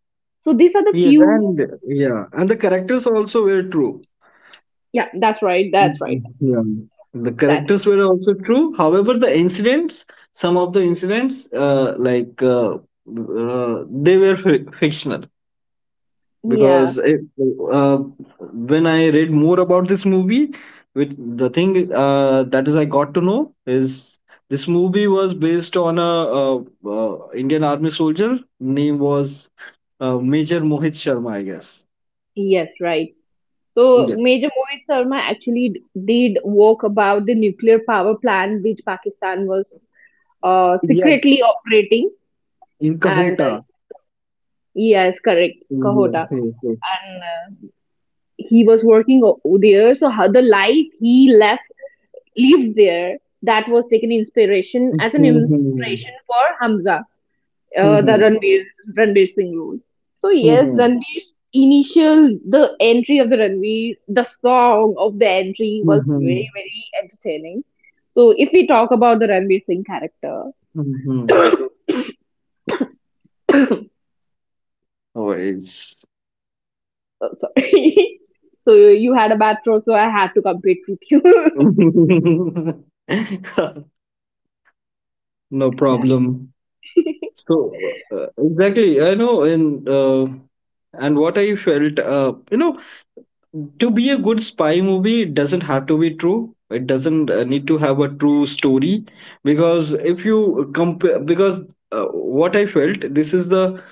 [SPEAKER 1] So these are the
[SPEAKER 2] Yes, and
[SPEAKER 1] few.
[SPEAKER 2] yeah, and the characters also were true.
[SPEAKER 1] Yeah, that's right. That's right.
[SPEAKER 2] Mhm. Yeah. The
[SPEAKER 1] Exactly.
[SPEAKER 2] characters were also true. However, the incidents, some of the incidents, they were fictional.
[SPEAKER 1] Yeah.
[SPEAKER 2] Because it, uh, when I read more about this movie, which the thing that is I got to know is this movie was based on a, Indian army soldier. Name was, Major Mohit Sharma, I guess.
[SPEAKER 1] Yes, right. So
[SPEAKER 2] Yeah,
[SPEAKER 1] Major Mohit Sharma actually did work about the nuclear power plant which Pakistan was
[SPEAKER 2] yeah,
[SPEAKER 1] secretly operating,
[SPEAKER 2] in
[SPEAKER 1] and
[SPEAKER 2] Kahuta.
[SPEAKER 1] yes, correct,
[SPEAKER 2] Yes,
[SPEAKER 1] Kahota,
[SPEAKER 2] yes, yes.
[SPEAKER 1] and he was working there. So how the life he left lived there, that was taken inspiration as an
[SPEAKER 2] Mm-hmm.
[SPEAKER 1] inspiration for Hamza. Uh, the
[SPEAKER 2] Mm-hmm.
[SPEAKER 1] Ranveer Singh role. So yes,
[SPEAKER 2] Mm-hmm.
[SPEAKER 1] Ranveer's initial the entry of the Ranveer, the song of the entry was
[SPEAKER 2] Mm-hmm.
[SPEAKER 1] very very entertaining. So if we talk about the Ranveer Singh character,
[SPEAKER 2] Mm-hmm.
[SPEAKER 1] oh,
[SPEAKER 2] Oh, it's
[SPEAKER 1] sorry. So you had a bad throw, so I had to compete with you.
[SPEAKER 2] no
[SPEAKER 1] Yeah,
[SPEAKER 2] problem. So exactly, I know, and what I felt, to be a good spy movie, it doesn't have to be true. It doesn't need to have a true story because if you compare, because what I felt,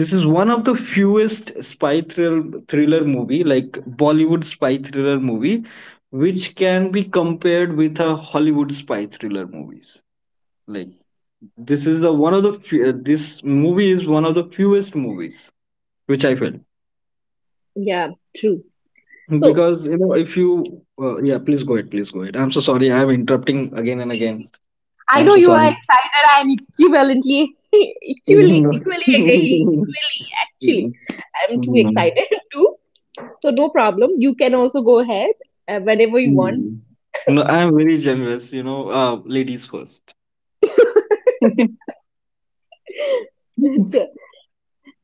[SPEAKER 2] this is one of the fewest spy thriller movie, like Bollywood spy thriller movie, which can be compared with a Hollywood spy thriller movies. Like this is the one of the few, this movie is one of the fewest movies which I felt
[SPEAKER 1] yeah, true. So
[SPEAKER 2] because you know if you yeah, please go ahead, please go ahead, I'm so sorry, I'm interrupting again and again.
[SPEAKER 1] I
[SPEAKER 2] I'm
[SPEAKER 1] know
[SPEAKER 2] so
[SPEAKER 1] you are
[SPEAKER 2] sorry.
[SPEAKER 1] excited. I'm equivalently, equally,
[SPEAKER 2] No,
[SPEAKER 1] equally, equally, actually, I'm too excited too. So no problem. You can also go ahead whenever you want.
[SPEAKER 2] I'm very generous, you know. Ladies first.
[SPEAKER 1] Sure.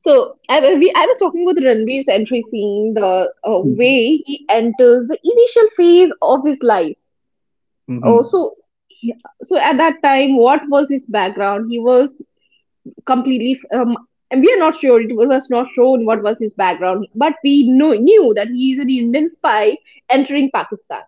[SPEAKER 1] So I was talking about Ranveer's entry scene, the way he enters the initial phase of his life. Oh,
[SPEAKER 2] Mhm.
[SPEAKER 1] so he- so at that time, what was his background? He was completely. And we are not sure. It was not shown what was his background, but we know, knew that he is an Indian spy entering Pakistan.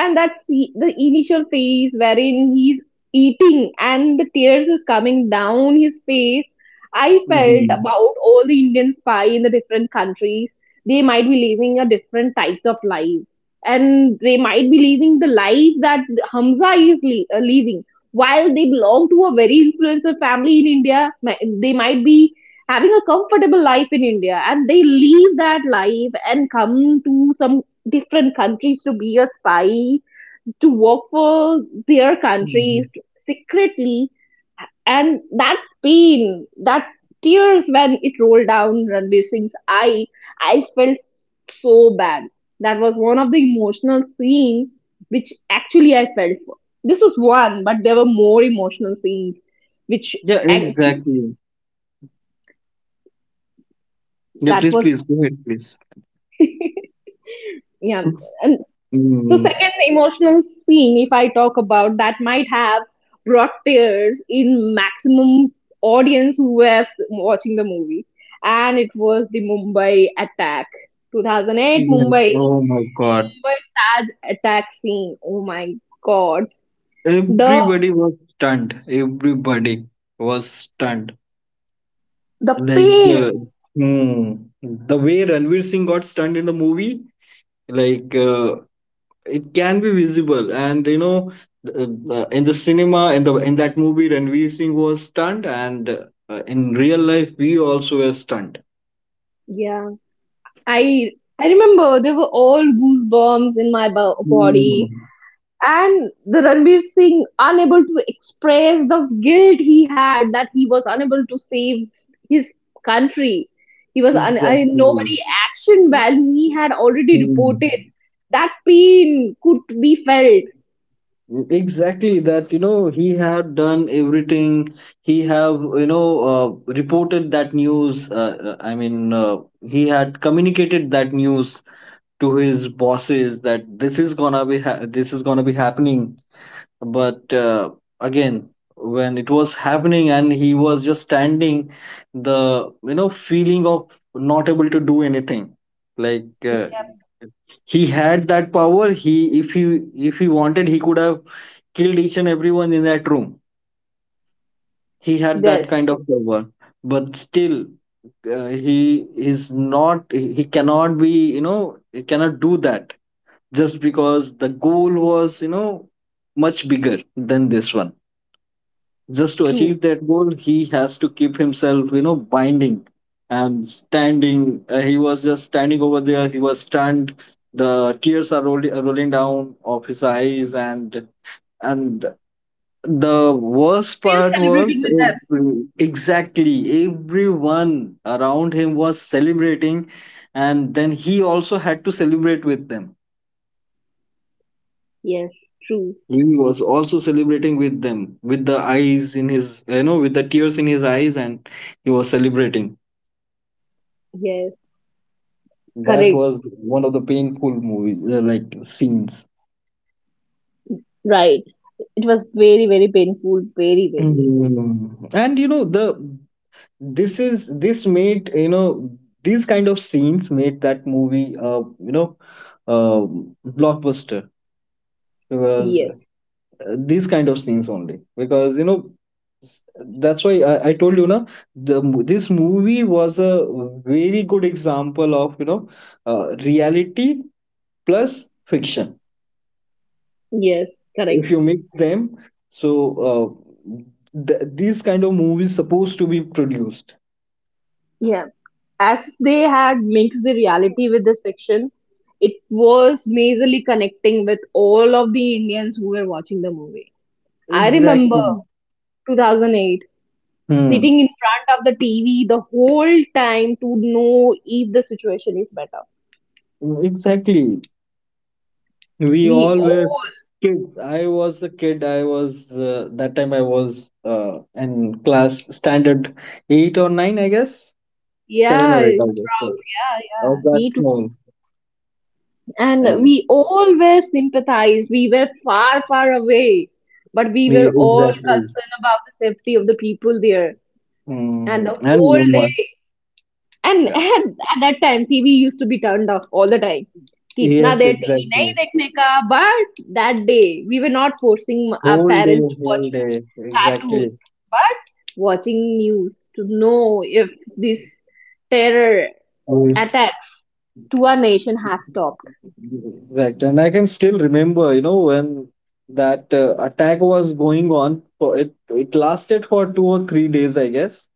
[SPEAKER 1] And that's the initial phase wherein he's eating and the tears is coming down his face. I felt
[SPEAKER 2] Mhm.
[SPEAKER 1] about all the indian spy in the different countries, they might be living a different types of life, and they might be living the life that hamza is living while they belong to a very influential family in india. They might be having a comfortable life in india, and they leave that life and come to some different countries to be a spy, to work for their countries
[SPEAKER 2] Mhm.
[SPEAKER 1] secretly. And that pain, that tears when it rolled down Ranveer Singh's eye, I felt so bad. That was one of the emotional scenes which actually I felt for. This was one, but there were more emotional scenes which
[SPEAKER 2] Yeah,
[SPEAKER 1] ac-
[SPEAKER 2] exactly. Yeah,
[SPEAKER 1] that
[SPEAKER 2] please,
[SPEAKER 1] was
[SPEAKER 2] please go ahead, please.
[SPEAKER 1] yeah. And so,
[SPEAKER 2] Mm.
[SPEAKER 1] second emotional scene, if I talk about that, might have brought tears in maximum audience who was watching the movie, and it was the Mumbai attack, 2008
[SPEAKER 2] Yes. Oh my God.
[SPEAKER 1] Mumbai Taj attack scene. Oh my God, the
[SPEAKER 2] Everybody was stunned. Everybody was stunned.
[SPEAKER 1] the
[SPEAKER 2] Like,
[SPEAKER 1] pain.
[SPEAKER 2] uh, hmm, the way Ranveer Singh got stunned in the movie, like, uh, it can be visible. And, you know, th- in the cinema, in, the, in that movie, Ranveer Singh was stunned. And in real life, we also were stunned.
[SPEAKER 1] Yeah, I I remember there were all goosebumps in my body,
[SPEAKER 2] Hmm,
[SPEAKER 1] and the Ranveer Singh unable to express the guilt he had that he was unable to save his country. He was I,
[SPEAKER 2] exactly.
[SPEAKER 1] nobody action while he had already
[SPEAKER 2] Hmm.
[SPEAKER 1] reported, that pain could be felt.
[SPEAKER 2] Exactly that, you know, he had done everything. He have, you know, reported that news, I mean, he had communicated that news to his bosses that this is gonna be this is gonna be happening, but again, when it was happening and he was just standing, the, you know, feeling of not able to do anything, like uh, he had that power. He if he if he wanted, he could have killed each and everyone in that room. He had that
[SPEAKER 1] Yes,
[SPEAKER 2] kind of power, but still, he cannot be, you know, he cannot do that just because the goal was, you know, much bigger than this one. Just to
[SPEAKER 1] true.
[SPEAKER 2] achieve that goal, he has to keep himself, you know, binding and standing. He was just standing over there. He was stunned. The tears are rolling down of his eyes. And the worst
[SPEAKER 1] Still
[SPEAKER 2] part
[SPEAKER 1] celebrating
[SPEAKER 2] was
[SPEAKER 1] with them.
[SPEAKER 2] exactly everyone around him was celebrating, and then he also had to celebrate with them.
[SPEAKER 1] Yes, true.
[SPEAKER 2] He was also celebrating with them with the eyes in his you know with the tears in his eyes, and he was celebrating.
[SPEAKER 1] Yes,
[SPEAKER 2] That
[SPEAKER 1] correct.
[SPEAKER 2] was one of the painful movies like scenes.
[SPEAKER 1] Right. It was very very painful. Very very.
[SPEAKER 2] Mm. And you know the this is this made, you know, these kind of scenes made that movie, uh blockbuster because
[SPEAKER 1] Yes.
[SPEAKER 2] these kind of scenes only, because you know s- that's why I told you na, this movie was a very good example of, you know, reality plus fiction.
[SPEAKER 1] Yes.
[SPEAKER 2] If
[SPEAKER 1] Correct.
[SPEAKER 2] you mix them, so uh, these kind of movies supposed to be produced.
[SPEAKER 1] Yeah. As they had mixed the reality with this fiction, it was majorly connecting with all of the Indians who were watching the movie. I remember
[SPEAKER 2] Exactly.
[SPEAKER 1] 2008,
[SPEAKER 2] Hmm.
[SPEAKER 1] sitting in front of the TV the whole time to know if the situation is better.
[SPEAKER 2] Exactly. We
[SPEAKER 1] We
[SPEAKER 2] all were
[SPEAKER 1] all,
[SPEAKER 2] kids. I was a kid. I was that time I was in class standard eight or nine, I guess. Seven
[SPEAKER 1] yeah, proud,
[SPEAKER 2] or eight, I guess. So
[SPEAKER 1] yeah,
[SPEAKER 2] I was
[SPEAKER 1] yeah,
[SPEAKER 2] that
[SPEAKER 1] me too.
[SPEAKER 2] small,
[SPEAKER 1] And
[SPEAKER 2] and
[SPEAKER 1] we all were sympathized. We were far, far away, but we
[SPEAKER 2] we
[SPEAKER 1] were all
[SPEAKER 2] exactly.
[SPEAKER 1] concerned about the safety of the people there. And
[SPEAKER 2] Mm,
[SPEAKER 1] the
[SPEAKER 2] and
[SPEAKER 1] whole
[SPEAKER 2] one more.
[SPEAKER 1] day. And
[SPEAKER 2] Yeah.
[SPEAKER 1] at that time, TV used to be turned off all the time. कि इतना
[SPEAKER 2] Yes,
[SPEAKER 1] देर TV नहीं
[SPEAKER 2] exactly.
[SPEAKER 1] देखने का but that day we were not forcing our parents to watch
[SPEAKER 2] Whole day,
[SPEAKER 1] cartoon,
[SPEAKER 2] exactly.
[SPEAKER 1] but watching news to know if this terror
[SPEAKER 2] Yes.
[SPEAKER 1] attack to our nation has stopped.
[SPEAKER 2] Exactly. And I can still remember, you know, when that attack was going on. It lasted for 2 or 3 days, I guess.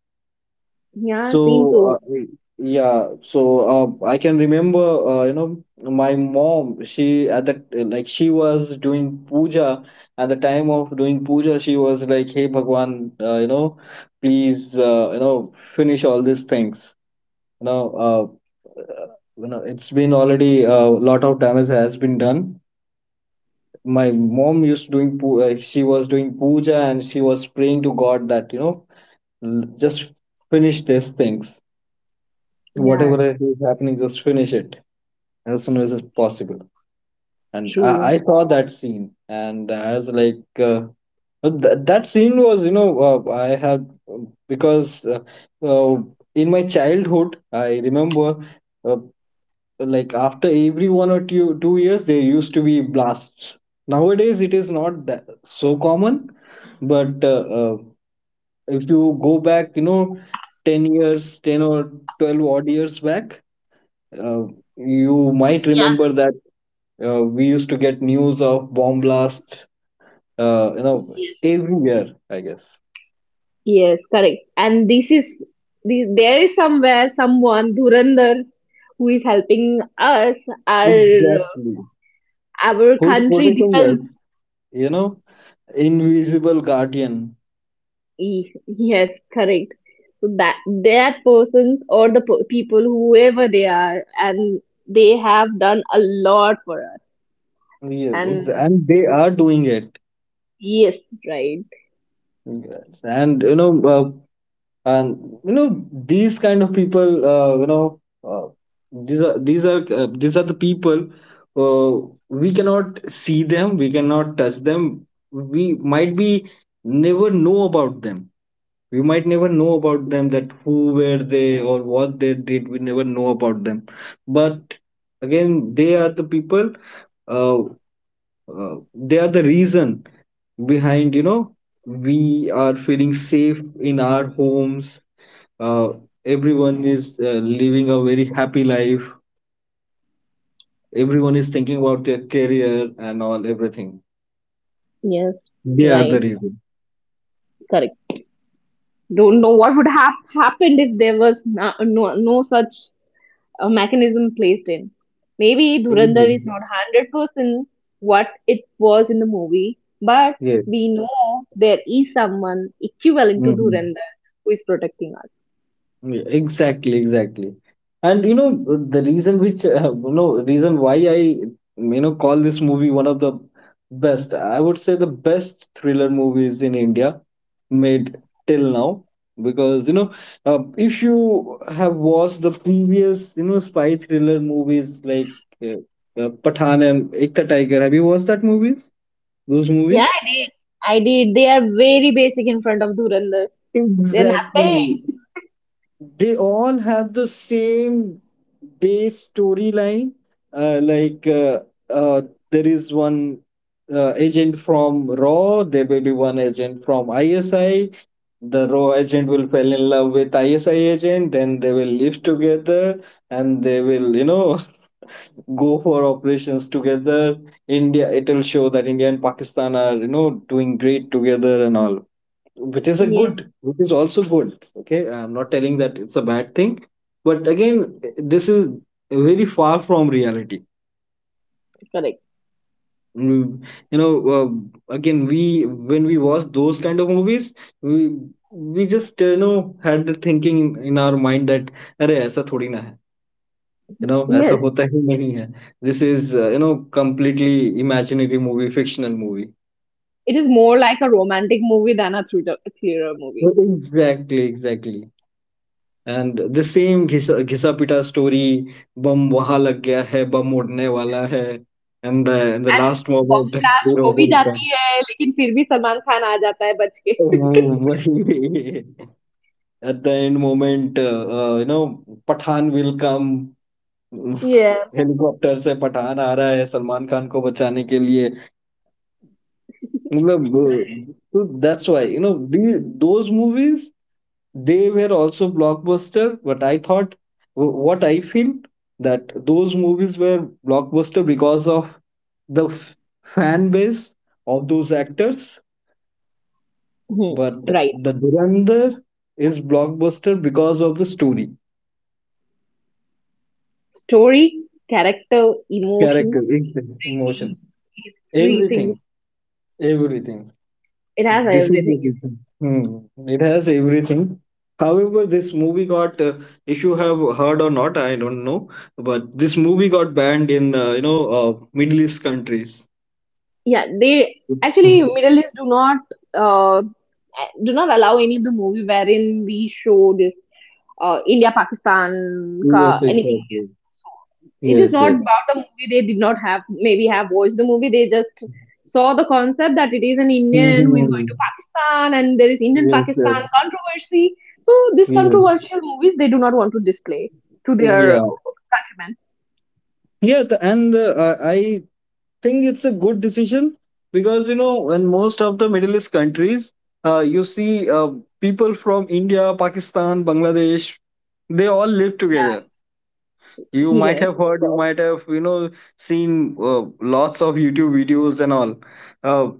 [SPEAKER 1] Yeah, seems
[SPEAKER 2] So,
[SPEAKER 1] so.
[SPEAKER 2] yeah, so I can remember, you know, my mom, she at that, like, she was doing puja. At the time of doing puja, she was like, Hey, Bhagwan, you know, please, you know, finish all these things. You know, uh, uh, you know, it's been already a lot of damage has been done. My mom used doing, she was doing puja and she was praying to God that, you know, just finish these things,
[SPEAKER 1] Yeah,
[SPEAKER 2] whatever is happening. Just finish it as soon as it's possible. And
[SPEAKER 1] true.
[SPEAKER 2] I saw that scene, and I was like, that scene was, you know, I had because uh, in my childhood, I remember uh, like after every one or two years, there used to be blasts. Nowadays, it is not that so common, but if you go back, you know, 10 years, 10 or 12 odd years back, uh, you might
[SPEAKER 1] Yeah.
[SPEAKER 2] remember that we used to get news of bomb blasts, you know,
[SPEAKER 1] Yes,
[SPEAKER 2] everywhere. I guess.
[SPEAKER 1] yes, correct. And this is, this, there is somewhere someone dhurandhar who is helping us our
[SPEAKER 2] Exactly.
[SPEAKER 1] our
[SPEAKER 2] Who is
[SPEAKER 1] country
[SPEAKER 2] protecting us?
[SPEAKER 1] defends.
[SPEAKER 2] You know, invisible guardian.
[SPEAKER 1] Yes, correct. So that that persons or the po- people whoever they are, and they have done a lot for us.
[SPEAKER 2] Yeah,
[SPEAKER 1] And
[SPEAKER 2] and they are doing it.
[SPEAKER 1] yes, right.
[SPEAKER 2] Yes. And you know these kind of people, you know uh, these are these are these are the people, uh, we cannot see them, we cannot touch them, we might be never know about them, we might never know about them, that who were they or what they did. We never know about them, but again, they are the people. uh, they are the reason behind, you know, we are feeling safe in our homes. uh, Everyone is living a very happy life. Everyone is thinking about their career and all, everything.
[SPEAKER 1] Yes,
[SPEAKER 2] They are the
[SPEAKER 1] right,
[SPEAKER 2] reason.
[SPEAKER 1] correct. Don't know what would have happened if there was no, no, no such a mechanism placed in. Maybe Dhurandhar
[SPEAKER 2] Mhm.
[SPEAKER 1] is not 100% what it was in the movie, but
[SPEAKER 2] Yes.
[SPEAKER 1] we know there is someone equivalent to
[SPEAKER 2] Hmm.
[SPEAKER 1] Dhurandhar who is protecting us.
[SPEAKER 2] Yeah, exactly, exactly. And you know the reason which you know reason why I, you know, call this movie one of the best. I would say the best thriller movies in India made till now. Because you know if you have watched the previous, you know, spy thriller movies like uh, Pathan and Ek Tha Tiger, have you watched that movies? Those
[SPEAKER 1] Yeah,
[SPEAKER 2] movies?
[SPEAKER 1] I did. I did. They are very basic in front of Dhurandhar. They're nothing.
[SPEAKER 2] Exactly. They all have the same base storyline. uh, like uh, uh, there is one agent from RAW, there will be one agent from ISI. The RAW agent will fall in love with ISI agent, then they will live together, and they will, you know, go for operations together. India, it will show that India and Pakistan are, you know, doing great together and all, which is a good,
[SPEAKER 1] Yes,
[SPEAKER 2] which is also good, okay. I'm not telling that it's a bad thing, but again, this is very far from reality.
[SPEAKER 1] correct.
[SPEAKER 2] Mm, you know, again, we when we watch those kind of movies, we we just you know had the thinking in our mind that अरे ऐसा थोड़ी ना है, you know, ऐसा
[SPEAKER 1] Yes,
[SPEAKER 2] होता ही नहीं है. This is, you know, completely imaginary movie, fictional movie.
[SPEAKER 1] it is more like a romantic movie than a thriller movie.
[SPEAKER 2] Exactly, exactly. And the same घिसा घिसा पिटा स्टोरी, बम वहाँ लग गया है, बम उड़ने वाला है, and the last
[SPEAKER 1] bomb
[SPEAKER 2] moment,
[SPEAKER 1] blast हो भी
[SPEAKER 2] रोबोट का
[SPEAKER 1] जाती है लेकिन फिर भी सलमान खान आ जाता है बच के
[SPEAKER 2] वही. At the end moment, you know, Pathaan will come.
[SPEAKER 1] ये
[SPEAKER 2] हेलीकॉप्टर से पठान आ रहा है सलमान खान को बचाने के लिए. मतलब that's why you know those movies, they were also blockbuster, but I thought what I feel that those movies were blockbuster because of the fan base of those actors, but
[SPEAKER 1] right.
[SPEAKER 2] the Durandar is blockbuster because of the story,
[SPEAKER 1] Story, character, emotions,
[SPEAKER 2] character exactly, emotion, everything,
[SPEAKER 1] everything.
[SPEAKER 2] everything.
[SPEAKER 1] It has
[SPEAKER 2] This is the
[SPEAKER 1] everything. In it.
[SPEAKER 2] reason. Hmm. It has everything. However, this movie got, if you have heard or not, I don't know, but this movie got banned in, you know, Middle East countries.
[SPEAKER 1] Yeah, they actually Middle East uh, do not allow any of the movie wherein we show this India Pakistan ka
[SPEAKER 2] Yes,
[SPEAKER 1] anything.
[SPEAKER 2] exactly.
[SPEAKER 1] It is
[SPEAKER 2] Yes,
[SPEAKER 1] not
[SPEAKER 2] yes.
[SPEAKER 1] about the movie. They did not have maybe have watched the movie. They just saw the concept that it is an Indian who is going to
[SPEAKER 2] Mhm.
[SPEAKER 1] Pakistan and there is Indian
[SPEAKER 2] Yes, yes.
[SPEAKER 1] Pakistan controversy. So these
[SPEAKER 2] Yes.
[SPEAKER 1] controversial movies they do not want to display to their
[SPEAKER 2] Yeah.
[SPEAKER 1] countrymen.
[SPEAKER 2] Yeah, and uh, I think it's a good decision because you know in most of the Middle East countries, you see people from India, Pakistan, Bangladesh, they all live together. You might
[SPEAKER 1] Yes,
[SPEAKER 2] have heard, you might have, you know, seen uh, lots of YouTube videos and all, uh,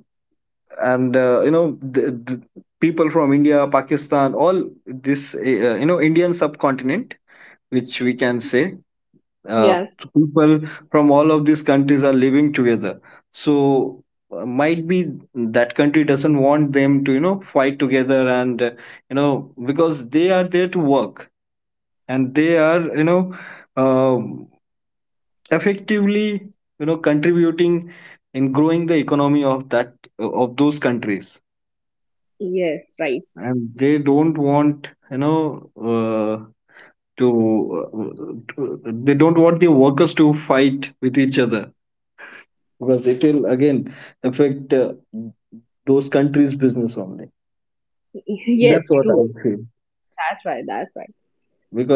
[SPEAKER 2] and you know, the, the people from India, Pakistan, all this, you know, Indian subcontinent, which we can say, uh,
[SPEAKER 1] yes,
[SPEAKER 2] people from all of these countries are living together. So might be that country doesn't want them to, you know, fight together, and you know, because they are there to work, and they are, you know, um, effectively, you know, contributing in growing the economy of that, of those countries.
[SPEAKER 1] yes, right.
[SPEAKER 2] And they don't want, you know, to, to they don't want the workers to fight with each other because it will again affect those countries' business only. That's
[SPEAKER 1] Yes,
[SPEAKER 2] what
[SPEAKER 1] true.
[SPEAKER 2] I feel.
[SPEAKER 1] That's right, that's right.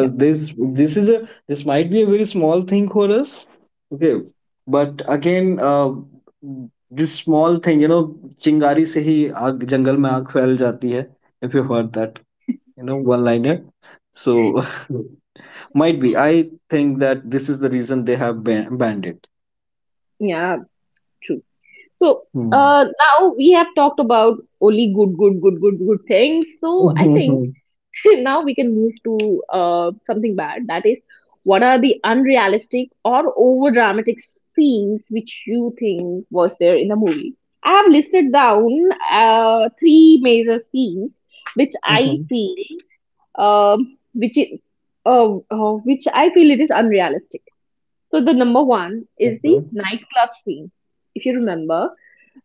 [SPEAKER 1] Yeah,
[SPEAKER 2] this might be a very small thing for us, okay. But again, this small thing, you know, चिंगारी से ही आग जंगल में आग फैल जाती है. If you heard that, you know, one liner. So might be. I think that this is the reason they have banned it.
[SPEAKER 1] yeah, true. So,
[SPEAKER 2] Hmm.
[SPEAKER 1] now we have talked about only good things. So, I
[SPEAKER 2] Mhm,
[SPEAKER 1] think
[SPEAKER 2] mhm,
[SPEAKER 1] now we can move to something bad. That is, what are the unrealistic or over dramatic scenes which you think was there in the movie? I have listed down three major scenes which I
[SPEAKER 2] mhm.
[SPEAKER 1] feel which is which I feel it is unrealistic. So the number one is the
[SPEAKER 2] Okay.
[SPEAKER 1] nightclub scene. If you remember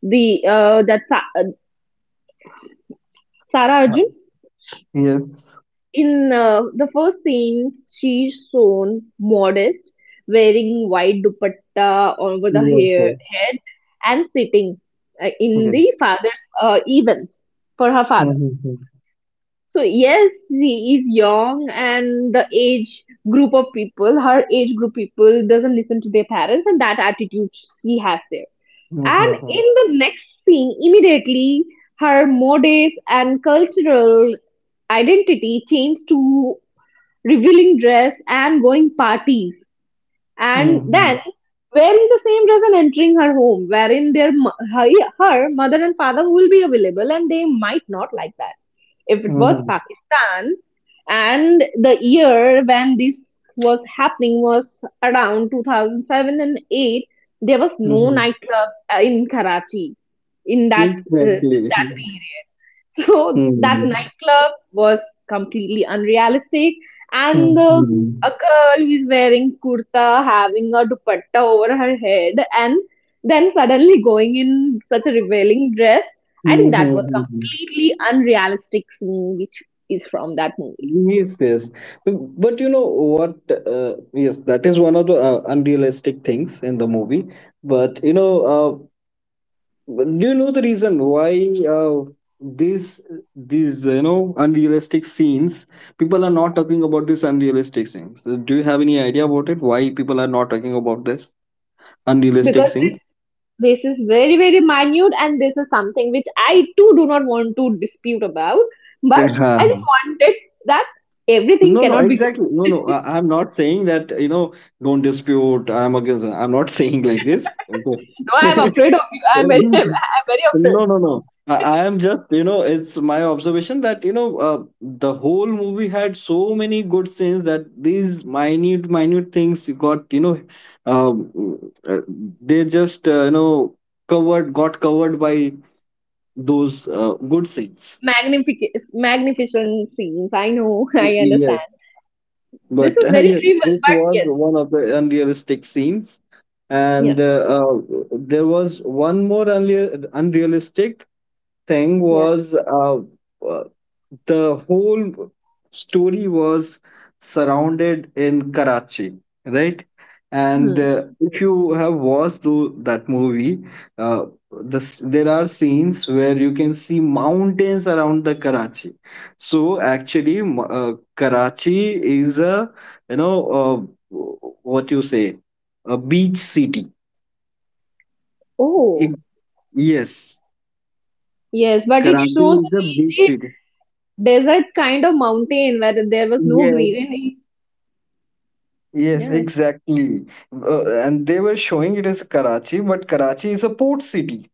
[SPEAKER 1] the that Sara
[SPEAKER 2] Uh,
[SPEAKER 1] Arjun
[SPEAKER 2] yes.
[SPEAKER 1] in the first scene, she's shown modest, wearing white dupatta over the
[SPEAKER 2] Yes, yes,
[SPEAKER 1] hair
[SPEAKER 2] yes.
[SPEAKER 1] head, and sitting in
[SPEAKER 2] Mm-hmm.
[SPEAKER 1] the father's event for her father.
[SPEAKER 2] Mm-hmm.
[SPEAKER 1] So yes, she is young and the age group of people, her age group people doesn't listen to their parents and that attitude she has there. And
[SPEAKER 2] Mm-hmm.
[SPEAKER 1] in the next scene, immediately her modest and cultural identity change to revealing dress and going parties. And then wearing the same dress and entering her home, wherein their her mother and father will be available and they might not like that if it was
[SPEAKER 2] Mm-hmm.
[SPEAKER 1] Pakistan. And the year when this was happening was around 2007 and 8. There was no
[SPEAKER 2] Mm-hmm.
[SPEAKER 1] nightclub in Karachi in uh,
[SPEAKER 2] Exactly.
[SPEAKER 1] that period. So that
[SPEAKER 2] Mm-hmm.
[SPEAKER 1] nightclub was completely unrealistic, and the,
[SPEAKER 2] Mm-hmm.
[SPEAKER 1] a girl is wearing kurta, having a dupatta over her head, and then suddenly going in such a revealing dress. I think that was
[SPEAKER 2] Mm-hmm.
[SPEAKER 1] completely unrealistic scene, which is from that movie
[SPEAKER 2] Yes, yes. But you know what? Yes, that is one of the unrealistic things in the movie. But you know, uh, do you know the reason why these these unrealistic scenes people are not talking about these unrealistic scenes? Do you have any idea about it why people are not talking about this unrealistic
[SPEAKER 1] because this
[SPEAKER 2] scenes?
[SPEAKER 1] this is very very minute, and this is something which I too do not want to dispute about, but
[SPEAKER 2] Yeah.
[SPEAKER 1] I just wanted that everything
[SPEAKER 2] No,
[SPEAKER 1] cannot be.
[SPEAKER 2] exactly. No, no, I'm not saying that you know don't dispute. I'm not saying like this,
[SPEAKER 1] No, I'm
[SPEAKER 2] okay?
[SPEAKER 1] afraid of you. I'm very, I'm very afraid.
[SPEAKER 2] No, no, no. I am just, you know, it's my observation that, the whole movie had so many good scenes that these minute, minute things you got, um, uh, they just, got covered by those good scenes.
[SPEAKER 1] Magnificent scenes. I know. I
[SPEAKER 2] Yes.
[SPEAKER 1] understand. This
[SPEAKER 2] But
[SPEAKER 1] is very
[SPEAKER 2] yeah,
[SPEAKER 1] trivial,
[SPEAKER 2] this
[SPEAKER 1] but
[SPEAKER 2] was
[SPEAKER 1] yes.
[SPEAKER 2] one of the unrealistic scenes.
[SPEAKER 1] Yeah.
[SPEAKER 2] And there was one more unrealistic thing
[SPEAKER 1] Yeah.
[SPEAKER 2] was uh, the whole story was surrounded in Karachi, right? And
[SPEAKER 1] Hmm.
[SPEAKER 2] if you have watched that movie, uh, there are scenes where you can see mountains around the Karachi. So actually, Karachi is a you know uh, w- what you say a beach city.
[SPEAKER 1] Oh,
[SPEAKER 2] It- yes,
[SPEAKER 1] yes. But it
[SPEAKER 2] Karachi
[SPEAKER 1] shows the
[SPEAKER 2] is a beach
[SPEAKER 1] rigid
[SPEAKER 2] city.
[SPEAKER 1] desert kind of mountain where there was no
[SPEAKER 2] Yes,
[SPEAKER 1] greenery.
[SPEAKER 2] Yes,
[SPEAKER 1] Yes.
[SPEAKER 2] exactly. And they were showing it as Karachi, but Karachi is a port city.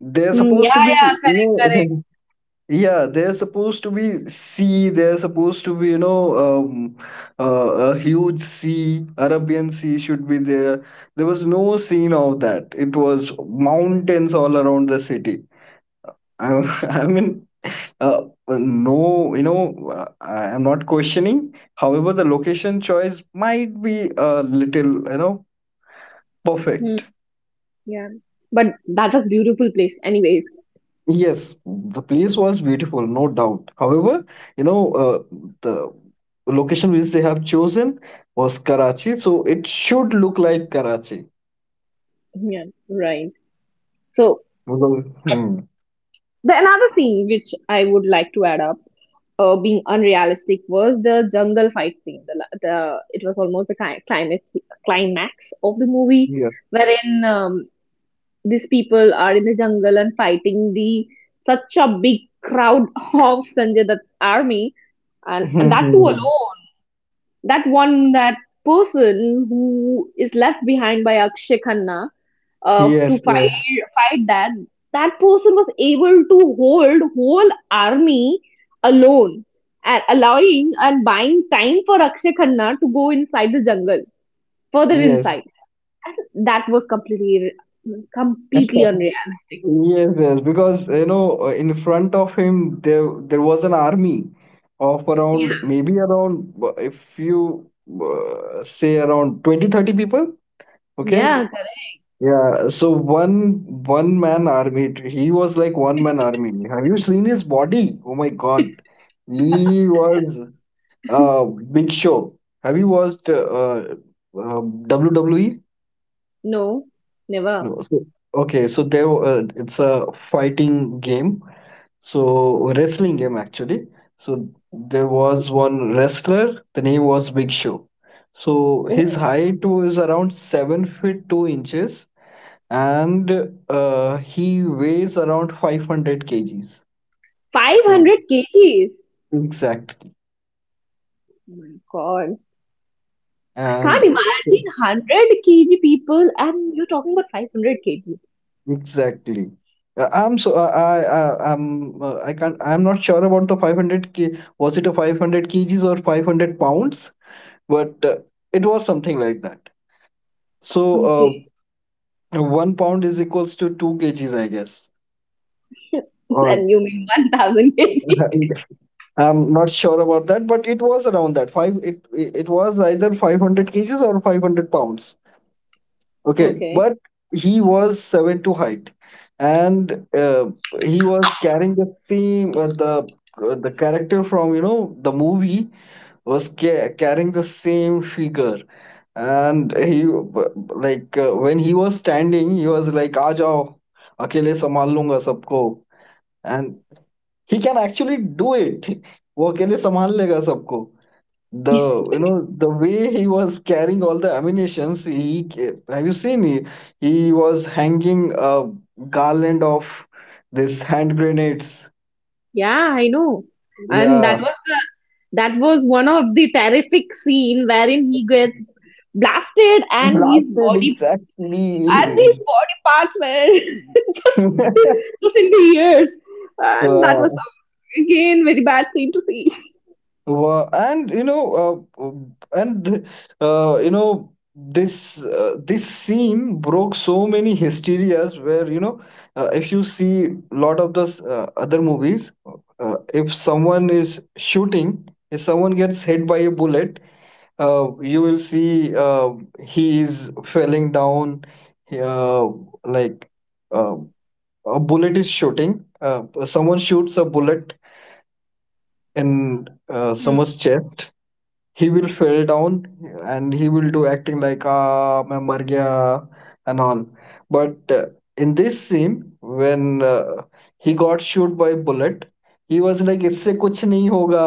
[SPEAKER 2] They're
[SPEAKER 1] Hmm. Yeah.
[SPEAKER 2] supposed to be,
[SPEAKER 1] Yeah. Correct. Correct.
[SPEAKER 2] yeah, they're supposed to be sea. They're supposed to be, a huge sea. Arabian Sea should be there. There was no scene of that. It was mountains all around the city. I, I mean, no, you know, I am not questioning. However, the location choice might be a little, you know,
[SPEAKER 1] Hmm.
[SPEAKER 2] perfect.
[SPEAKER 1] Yeah. But that was beautiful place. Anyways.
[SPEAKER 2] Yes, the place was beautiful, no doubt. However, you know, uh, the location which they have chosen was Karachi, so it should look like Karachi.
[SPEAKER 1] Yeah. Right. So
[SPEAKER 2] Although. Hmm.
[SPEAKER 1] the another thing which I would like to add up being unrealistic was the jungle fight scene. The, la- the It was almost the climax of the movie,
[SPEAKER 2] Yes.
[SPEAKER 1] wherein these people are in the jungle and fighting the such a big crowd of Sanjay Dutt's army, and that too
[SPEAKER 2] Hmm.
[SPEAKER 1] alone. That one that person who is left behind by Akshay Khanna to
[SPEAKER 2] Yes, yes, yes.
[SPEAKER 1] fight that person was able to hold whole army alone and allowing and buying time for Akshay Khanna to go inside the jungle further inside and that was completely unreal.
[SPEAKER 2] Yes, yes, because in front of him there was an army of around maybe around if you say around 20, 30 people, okay?
[SPEAKER 1] Yeah, correct.
[SPEAKER 2] Yeah, so one man army. He was like one man army. Have you seen his body? Oh my God, he was Big Show. Have you watched WWE?
[SPEAKER 1] No, never.
[SPEAKER 2] No. So, okay, so it's a fighting game. So wrestling game actually. So there was one wrestler. The name was Big Show. So
[SPEAKER 1] Oh,
[SPEAKER 2] his height was around 7 feet 2 inches, and he weighs around 500 kgs, so
[SPEAKER 1] 500 kgs, oh
[SPEAKER 2] exactly.
[SPEAKER 1] my god. I can't
[SPEAKER 2] and
[SPEAKER 1] imagine 100 kg people and you're talking about 500 kg.
[SPEAKER 2] exactly I'm so I- I'm I can't I'm not sure about the 500 k. Was it a 500 kgs or 500 pounds? But it was something like that. So uh,
[SPEAKER 1] Okay.
[SPEAKER 2] 1 pound is equals to two kgs, I guess. Or
[SPEAKER 1] And you mean 1,000 kg?
[SPEAKER 2] I'm not sure about that, but it was around that five. It was either 500 kgs or 500 pounds. Okay,
[SPEAKER 1] Okay.
[SPEAKER 2] but he was seven to height, and he was carrying the same the character from you know the movie was carrying the same figure, and he when he was standing, he was like, "आ जाओ, अकेले संभाल लूंगा सबको," and he can actually do it. वो अकेले संभाल लेगा सबको. The you know the way he was carrying all the ammunitions he have you seen he was hanging a garland of this hand grenades.
[SPEAKER 1] Yeah, I know. And
[SPEAKER 2] Yeah,
[SPEAKER 1] that was one of the terrific scene wherein he gets blasted
[SPEAKER 2] blasted
[SPEAKER 1] and
[SPEAKER 2] exactly.
[SPEAKER 1] his body parts were just just in the ears. And that was
[SPEAKER 2] yeah.
[SPEAKER 1] again very bad scene to see.
[SPEAKER 2] And you know and you know this scene broke so many hysterias where you know if you see lot of the other movies, if someone is shooting, if someone gets hit by a bullet, you will see he is falling down. He, like uh, a bullet is shooting, someone shoots a bullet in
[SPEAKER 1] Hmm.
[SPEAKER 2] someone's chest. He will fell down and he will do acting like ah मैं मर गया and all. But in this scene when he got shot by bullet, he was like इससे कुछ नहीं होगा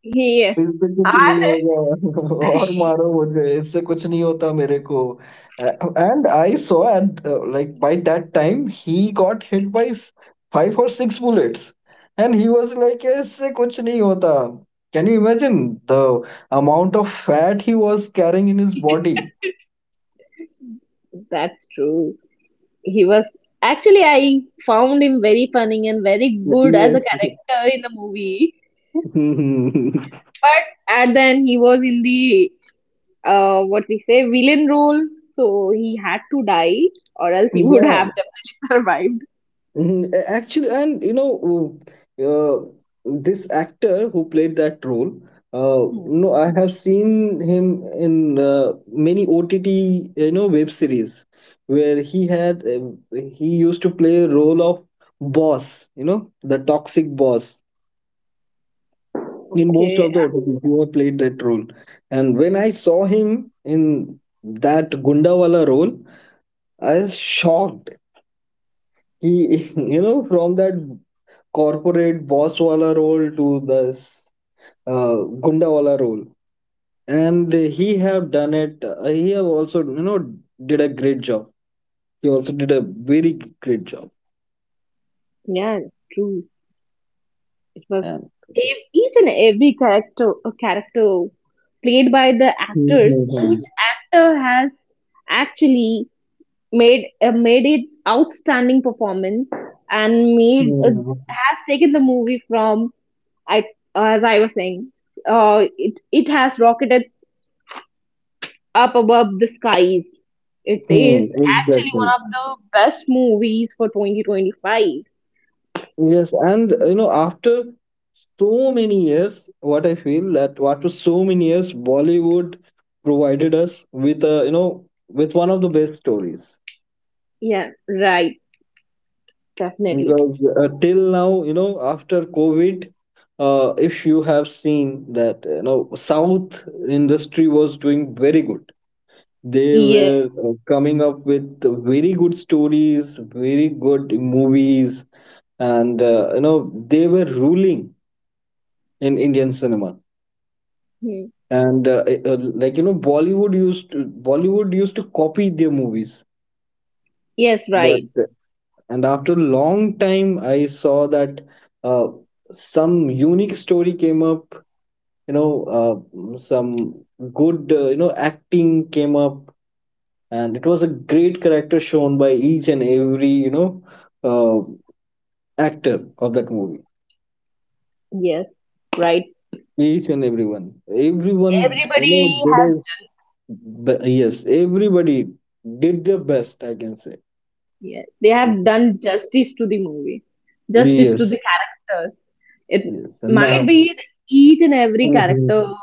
[SPEAKER 1] He and
[SPEAKER 2] बिल्कुल कुछ नहीं होगा और मारो मुझे इससे कुछ नहीं होता मेरे को. A and I saw at like by that time he got hit by 5 और 6 bullets and he was like इससे कुछ नहीं होता. Can you imagine the amount of fat he was carrying in his body.
[SPEAKER 1] that's true. He was actually I found him very funny and very good as a
[SPEAKER 2] yes.
[SPEAKER 1] character in the movie. But and then he was in the what we say, villain role. So he had to die, or else he would
[SPEAKER 2] yeah.
[SPEAKER 1] have definitely survived.
[SPEAKER 2] Mhm. Actually, and you know, this actor who played that role,
[SPEAKER 1] Hmm.
[SPEAKER 2] no, I have seen him in many OTT, you know, web series where he used to play a role of boss, you know, the toxic boss. In most
[SPEAKER 1] Okay,
[SPEAKER 2] of the OTTs, he had played that role, and when I saw him in that Gundawala role, I was shocked. He, you know, from that corporate boss wala role to this uh, gunda wala role, and he have done it. He have also you know did a great job. He also did a very great job.
[SPEAKER 1] yeah, true. It was
[SPEAKER 2] And
[SPEAKER 1] each and every character played by the actors.
[SPEAKER 2] Mhm.
[SPEAKER 1] Each actor has actually made it outstanding performance and made
[SPEAKER 2] Yeah.
[SPEAKER 1] has taken the movie from I as I was saying, it has rocketed Up Above the Skies. It
[SPEAKER 2] Hmm,
[SPEAKER 1] is actually one
[SPEAKER 2] exactly.
[SPEAKER 1] of the best movies for 2025.
[SPEAKER 2] Yes, and you know after so many years what I feel that after so many years Bollywood provided us with a you know with one of the best stories.
[SPEAKER 1] Yeah, right. Definitely.
[SPEAKER 2] Because till now, you know, after COVID, if you have seen that, you know, South industry was doing very good. They
[SPEAKER 1] Yes.
[SPEAKER 2] were coming up with very good stories, very good movies, and you know, they were ruling in Indian cinema.
[SPEAKER 1] Hmm.
[SPEAKER 2] And you know, Bollywood used to copy their movies,
[SPEAKER 1] Yes,
[SPEAKER 2] but
[SPEAKER 1] right.
[SPEAKER 2] and after a long time I saw that uh, some unique story came up, you know, some good acting came up, and it was a great character shown by each and every you know uh, actor of that movie.
[SPEAKER 1] Yes, right.
[SPEAKER 2] Each and everyone, everyone, you know,
[SPEAKER 1] Everybody
[SPEAKER 2] did
[SPEAKER 1] has,
[SPEAKER 2] his yes, everybody did their best, I can say.
[SPEAKER 1] yes, they have done justice to the movie, justice to the
[SPEAKER 2] Yes,
[SPEAKER 1] characters. It
[SPEAKER 2] yes, and
[SPEAKER 1] might
[SPEAKER 2] now
[SPEAKER 1] be that each and every character
[SPEAKER 2] Mhm.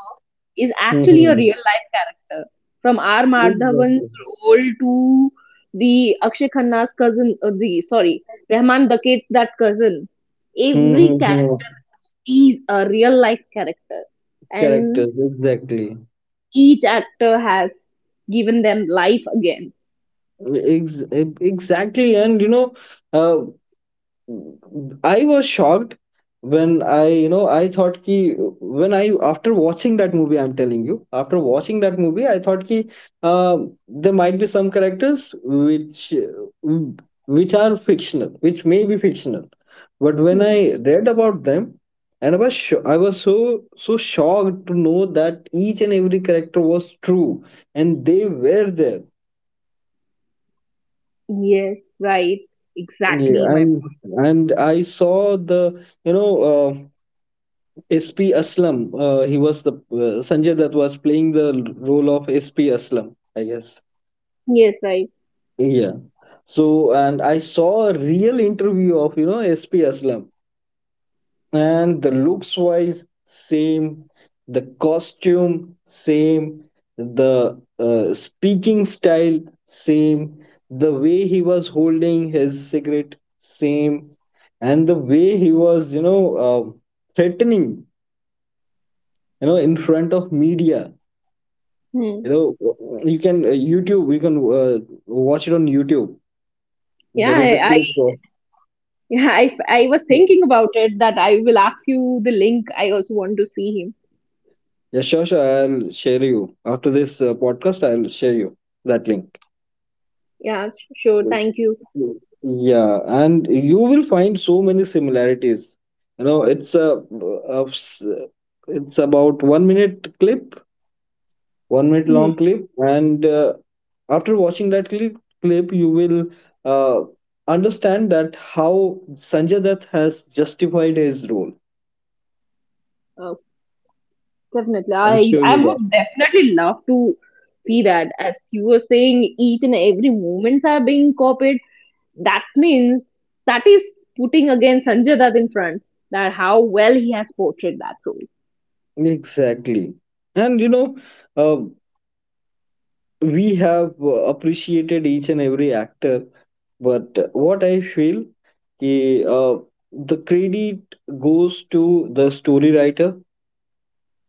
[SPEAKER 1] is actually a
[SPEAKER 2] Mhm.
[SPEAKER 1] real life character, from R. Madhavan's
[SPEAKER 2] Exactly.
[SPEAKER 1] role to the Akshay Khanna's cousin, the sorry, Rahman Daket's that cousin.
[SPEAKER 2] Hmm,
[SPEAKER 1] Every
[SPEAKER 2] hmm,
[SPEAKER 1] character
[SPEAKER 2] hmm.
[SPEAKER 1] is a real life character, and
[SPEAKER 2] Characters, exactly.
[SPEAKER 1] each actor has given them life again.
[SPEAKER 2] Exactly, and you know, uh, I was shocked when I, you know, I thought ki when I after watching that movie, I'm telling you, after watching that movie, I thought ki uh, there might be some characters which are fictional, which may be fictional, but when
[SPEAKER 1] Hmm.
[SPEAKER 2] I read about them, and I was sho I was so so shocked to know that each and every character was true, and they were there.
[SPEAKER 1] Yes, right, exactly,
[SPEAKER 2] Yeah,
[SPEAKER 1] my.
[SPEAKER 2] and I saw the you know uh, SP Aslam. He was the Sanjay that was playing the role of SP Aslam, I guess.
[SPEAKER 1] Yes, right.
[SPEAKER 2] Yeah. So, and I saw a real interview of, you know, SP Aslam, and the looks wise, same, the costume, same, the speaking style, same, the way he was holding his cigarette, same, and the way he was, threatening, you know, in front of media.
[SPEAKER 1] Hmm.
[SPEAKER 2] You know, you can YouTube. You can watch it on YouTube. There is a
[SPEAKER 1] Yeah, I,
[SPEAKER 2] clip of.
[SPEAKER 1] yeah, I was thinking about it that I will ask you the link. I also want to see him.
[SPEAKER 2] Yeah, sure, sure. I'll share you after this podcast. I'll share you that link.
[SPEAKER 1] Yeah, sure. Thank you.
[SPEAKER 2] Yeah, and you will find so many similarities. You know, it's a s- it's about 1 minute clip, 1 minute
[SPEAKER 1] Mhm.
[SPEAKER 2] long clip, and after watching that clip, you will uh, understand that how Sanjay Dutt has justified his role.
[SPEAKER 1] Oh, definitely.
[SPEAKER 2] I'm sure
[SPEAKER 1] I
[SPEAKER 2] you got
[SPEAKER 1] would definitely love to see that. As you were saying, each and every moments are being copied. That means that is putting again Sanjay Dutt in front. That how well he has portrayed that role.
[SPEAKER 2] it. Exactly. And you know, uh, we have appreciated each and every actor, but what I feel, कि, the credit goes to the story writer.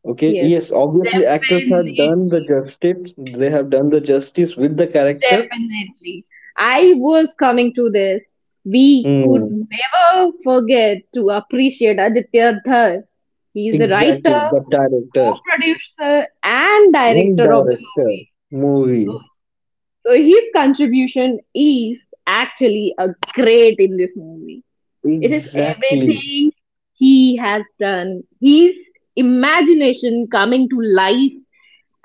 [SPEAKER 2] Okay,
[SPEAKER 1] Yes,
[SPEAKER 2] yes, obviously actors have
[SPEAKER 1] definitely.
[SPEAKER 2] done the justice. They have done the justice with the character.
[SPEAKER 1] Definitely. I was coming to this. We could
[SPEAKER 2] Hmm.
[SPEAKER 1] never forget to appreciate Aditya Dhar. He is a writer,
[SPEAKER 2] Exactly, the director,
[SPEAKER 1] co-producer, and
[SPEAKER 2] one
[SPEAKER 1] director of the
[SPEAKER 2] director,
[SPEAKER 1] movie.
[SPEAKER 2] movie.
[SPEAKER 1] So his contribution is actually a great in this movie. It is
[SPEAKER 2] Exactly,
[SPEAKER 1] everything he has done. His imagination coming to life,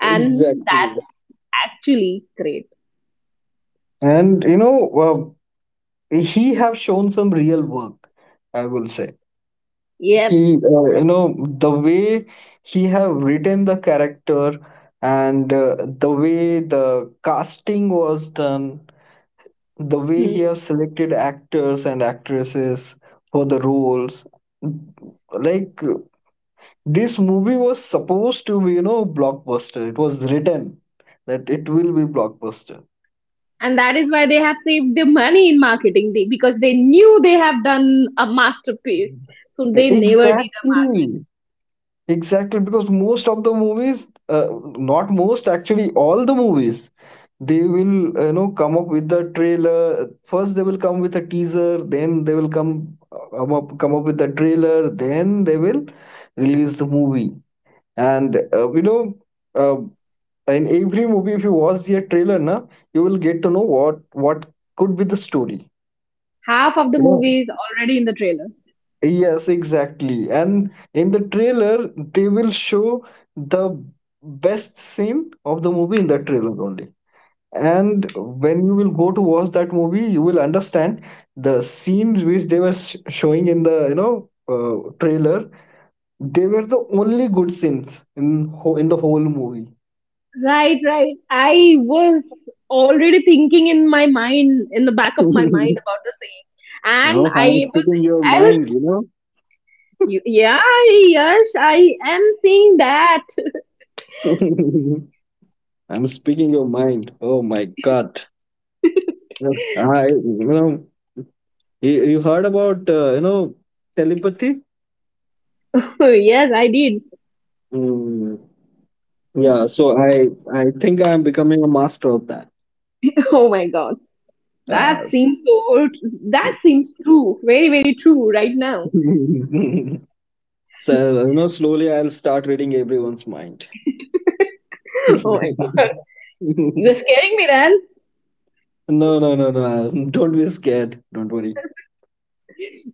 [SPEAKER 1] and
[SPEAKER 2] exactly.
[SPEAKER 1] that's actually great.
[SPEAKER 2] And you know, he have shown some real work, I will say.
[SPEAKER 1] Yep.
[SPEAKER 2] He you know the way he have written the character, and the way the casting was done, the way he have selected actors and actresses for the roles, like this movie was supposed to be you know blockbuster. It was written that it will be blockbuster.
[SPEAKER 1] And that is why they have saved their money in marketing they, because they knew they have done a masterpiece so they never did.
[SPEAKER 2] Exactly. Exactly, because most of the movies, not most, actually all the movies, they will you know come up with the trailer. First, they will come with a teaser. Then they will come up with the trailer. Then they will release the movie. And you know, uh, in every movie, if you watch the trailer, na, you will get to know what could be the story.
[SPEAKER 1] Half of the
[SPEAKER 2] You know,
[SPEAKER 1] movie is already in the trailer.
[SPEAKER 2] Yes, exactly. And in the trailer, they will show the best scene of the movie in the trailer only. And when you will go to watch that movie, you will understand the scenes which they were sh showing in the, you know, trailer. They were the only good scenes in ho in the whole movie.
[SPEAKER 1] Right, right, I was already thinking in my mind in the back of my
[SPEAKER 2] no,
[SPEAKER 1] mind about the same and i
[SPEAKER 2] I'm
[SPEAKER 1] was
[SPEAKER 2] speaking your
[SPEAKER 1] I was
[SPEAKER 2] mind, you
[SPEAKER 1] yeah, yes, I am seeing that.
[SPEAKER 2] know. I'm speaking your mind. Oh my God. I, you know. You heard about you know telepathy?
[SPEAKER 1] Yes, I did.
[SPEAKER 2] Mm, yeah, so I think I'm becoming a master of that.
[SPEAKER 1] Oh my god, that
[SPEAKER 2] Uh, s-
[SPEAKER 1] seems so that seems true, very very true right now.
[SPEAKER 2] so you know, slowly I'll start reading everyone's mind.
[SPEAKER 1] Oh my god, you are scaring me, Ran.
[SPEAKER 2] No, no, no, no. Don't be scared. Don't worry.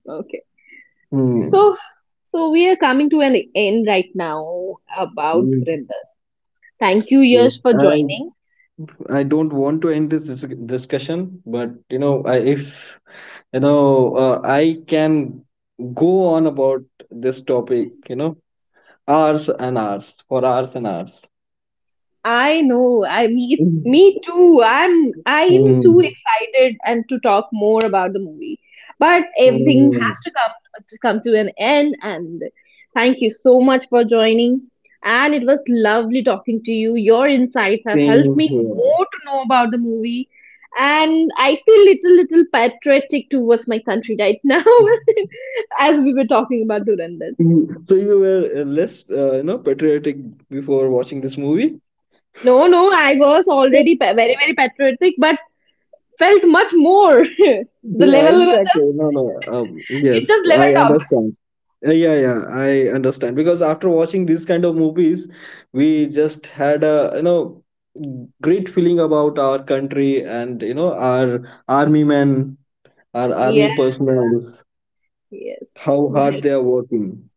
[SPEAKER 1] Okay.
[SPEAKER 2] Hmm.
[SPEAKER 1] So, so we are coming to an end right now about
[SPEAKER 2] Mm.
[SPEAKER 1] Dhurandhar. Thank you, Yash,
[SPEAKER 2] Yes,
[SPEAKER 1] for joining.
[SPEAKER 2] I don't want to end this discussion, but you know, I, if you know, I can go on about this topic, you know, hours and hours for hours and hours.
[SPEAKER 1] I know. I me
[SPEAKER 2] Mm.
[SPEAKER 1] me too. I'm too
[SPEAKER 2] Mm.
[SPEAKER 1] excited and to talk more about the movie. But everything
[SPEAKER 2] Mm.
[SPEAKER 1] has to come to an end and thank you so much for joining. And it was lovely talking to you. Your insights have helped
[SPEAKER 2] Same
[SPEAKER 1] me
[SPEAKER 2] here.
[SPEAKER 1] more to know about the movie. And I feel little patriotic towards my country right now as we were talking about Durandar.
[SPEAKER 2] Mm. So you were less, you know, patriotic before watching this movie.
[SPEAKER 1] No, no, I was already very, very patriotic, but felt much more. The
[SPEAKER 2] Yeah,
[SPEAKER 1] level was
[SPEAKER 2] exactly.
[SPEAKER 1] just
[SPEAKER 2] No, no.
[SPEAKER 1] it
[SPEAKER 2] Yes,
[SPEAKER 1] just
[SPEAKER 2] I
[SPEAKER 1] leveled up.
[SPEAKER 2] understand. Yeah, yeah, I understand. Because after watching these kind of movies, we just had a, you know, great feeling about our country and, you know, our army men, our army
[SPEAKER 1] Yeah,
[SPEAKER 2] personnel,
[SPEAKER 1] yes,
[SPEAKER 2] how hard
[SPEAKER 1] right.
[SPEAKER 2] they are working.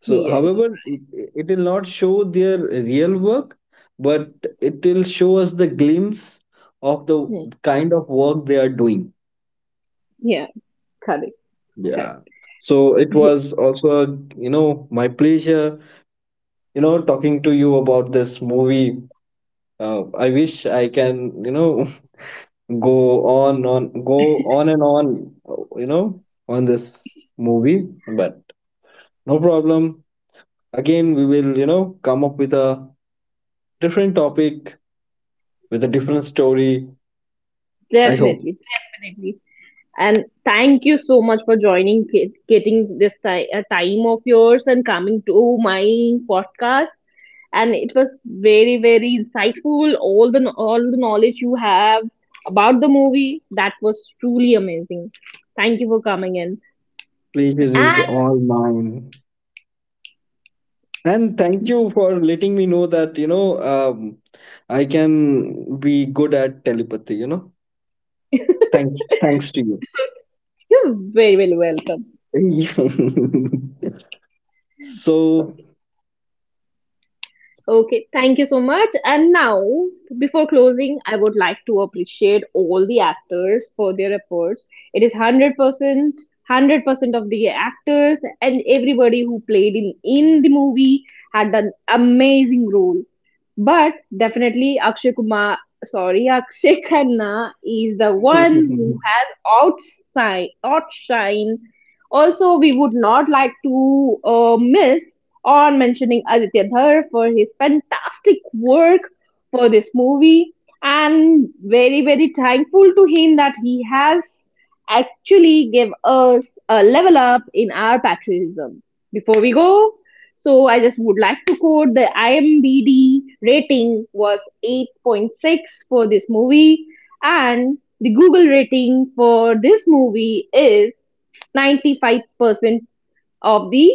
[SPEAKER 2] So,
[SPEAKER 1] Yes,
[SPEAKER 2] however, it will not show their real work, but it will show us the glimpse of the
[SPEAKER 1] hmm,
[SPEAKER 2] kind of work they are doing.
[SPEAKER 1] yeah, correct, correct.
[SPEAKER 2] Yeah. So it
[SPEAKER 1] Yeah,
[SPEAKER 2] was also, a, you know, my pleasure, you know, talking to you about this movie. I wish I can, you know, go on and on, you know, on this movie, but no problem. Again, we will, you know, come up with a different topic with a different story. I hope.
[SPEAKER 1] definitely, definitely. And thank you so much for joining, getting this time of yours and coming to my podcast. And it was very, very insightful. All the knowledge you have about the movie that was truly amazing. Thank you for coming in,
[SPEAKER 2] Pleasure is
[SPEAKER 1] and
[SPEAKER 2] all mine. And thank you for letting me know that, you know, I can be good at telepathy, you know. Thanks to
[SPEAKER 1] you're very, very welcome.
[SPEAKER 2] you. So,
[SPEAKER 1] Okay, thank you so much. And now, before closing, I would like to appreciate all the actors for their efforts. It is 100% of the actors and everybody who played in the movie had an amazing role. But definitely Akshay Kumar, sorry, Akshay Khanna is the one who
[SPEAKER 2] no,
[SPEAKER 1] has outshine. Also, we would not like to miss on mentioning Aditya Dhar for his fantastic work for this movie and very very thankful to him that he has actually give us a level up in our patriotism. Before we go, so I just would like to quote the IMDb rating was 8.6 for this movie and the Google rating for this movie is 95% of the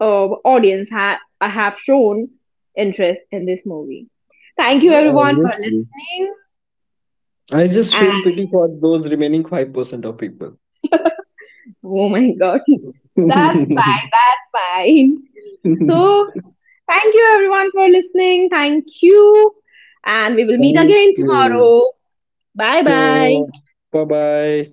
[SPEAKER 1] audience have shown interest in this movie. Thank you everyone for
[SPEAKER 2] obviously,
[SPEAKER 1] listening.
[SPEAKER 2] I just
[SPEAKER 1] And
[SPEAKER 2] feel pity for those remaining 5% of people.
[SPEAKER 1] oh my god, that's fine, that's fine.
[SPEAKER 2] Thank
[SPEAKER 1] So, thank you everyone for listening. Thank you. And we will meet again
[SPEAKER 2] you.
[SPEAKER 1] tomorrow. Bye
[SPEAKER 2] So,
[SPEAKER 1] bye.
[SPEAKER 2] bye bye.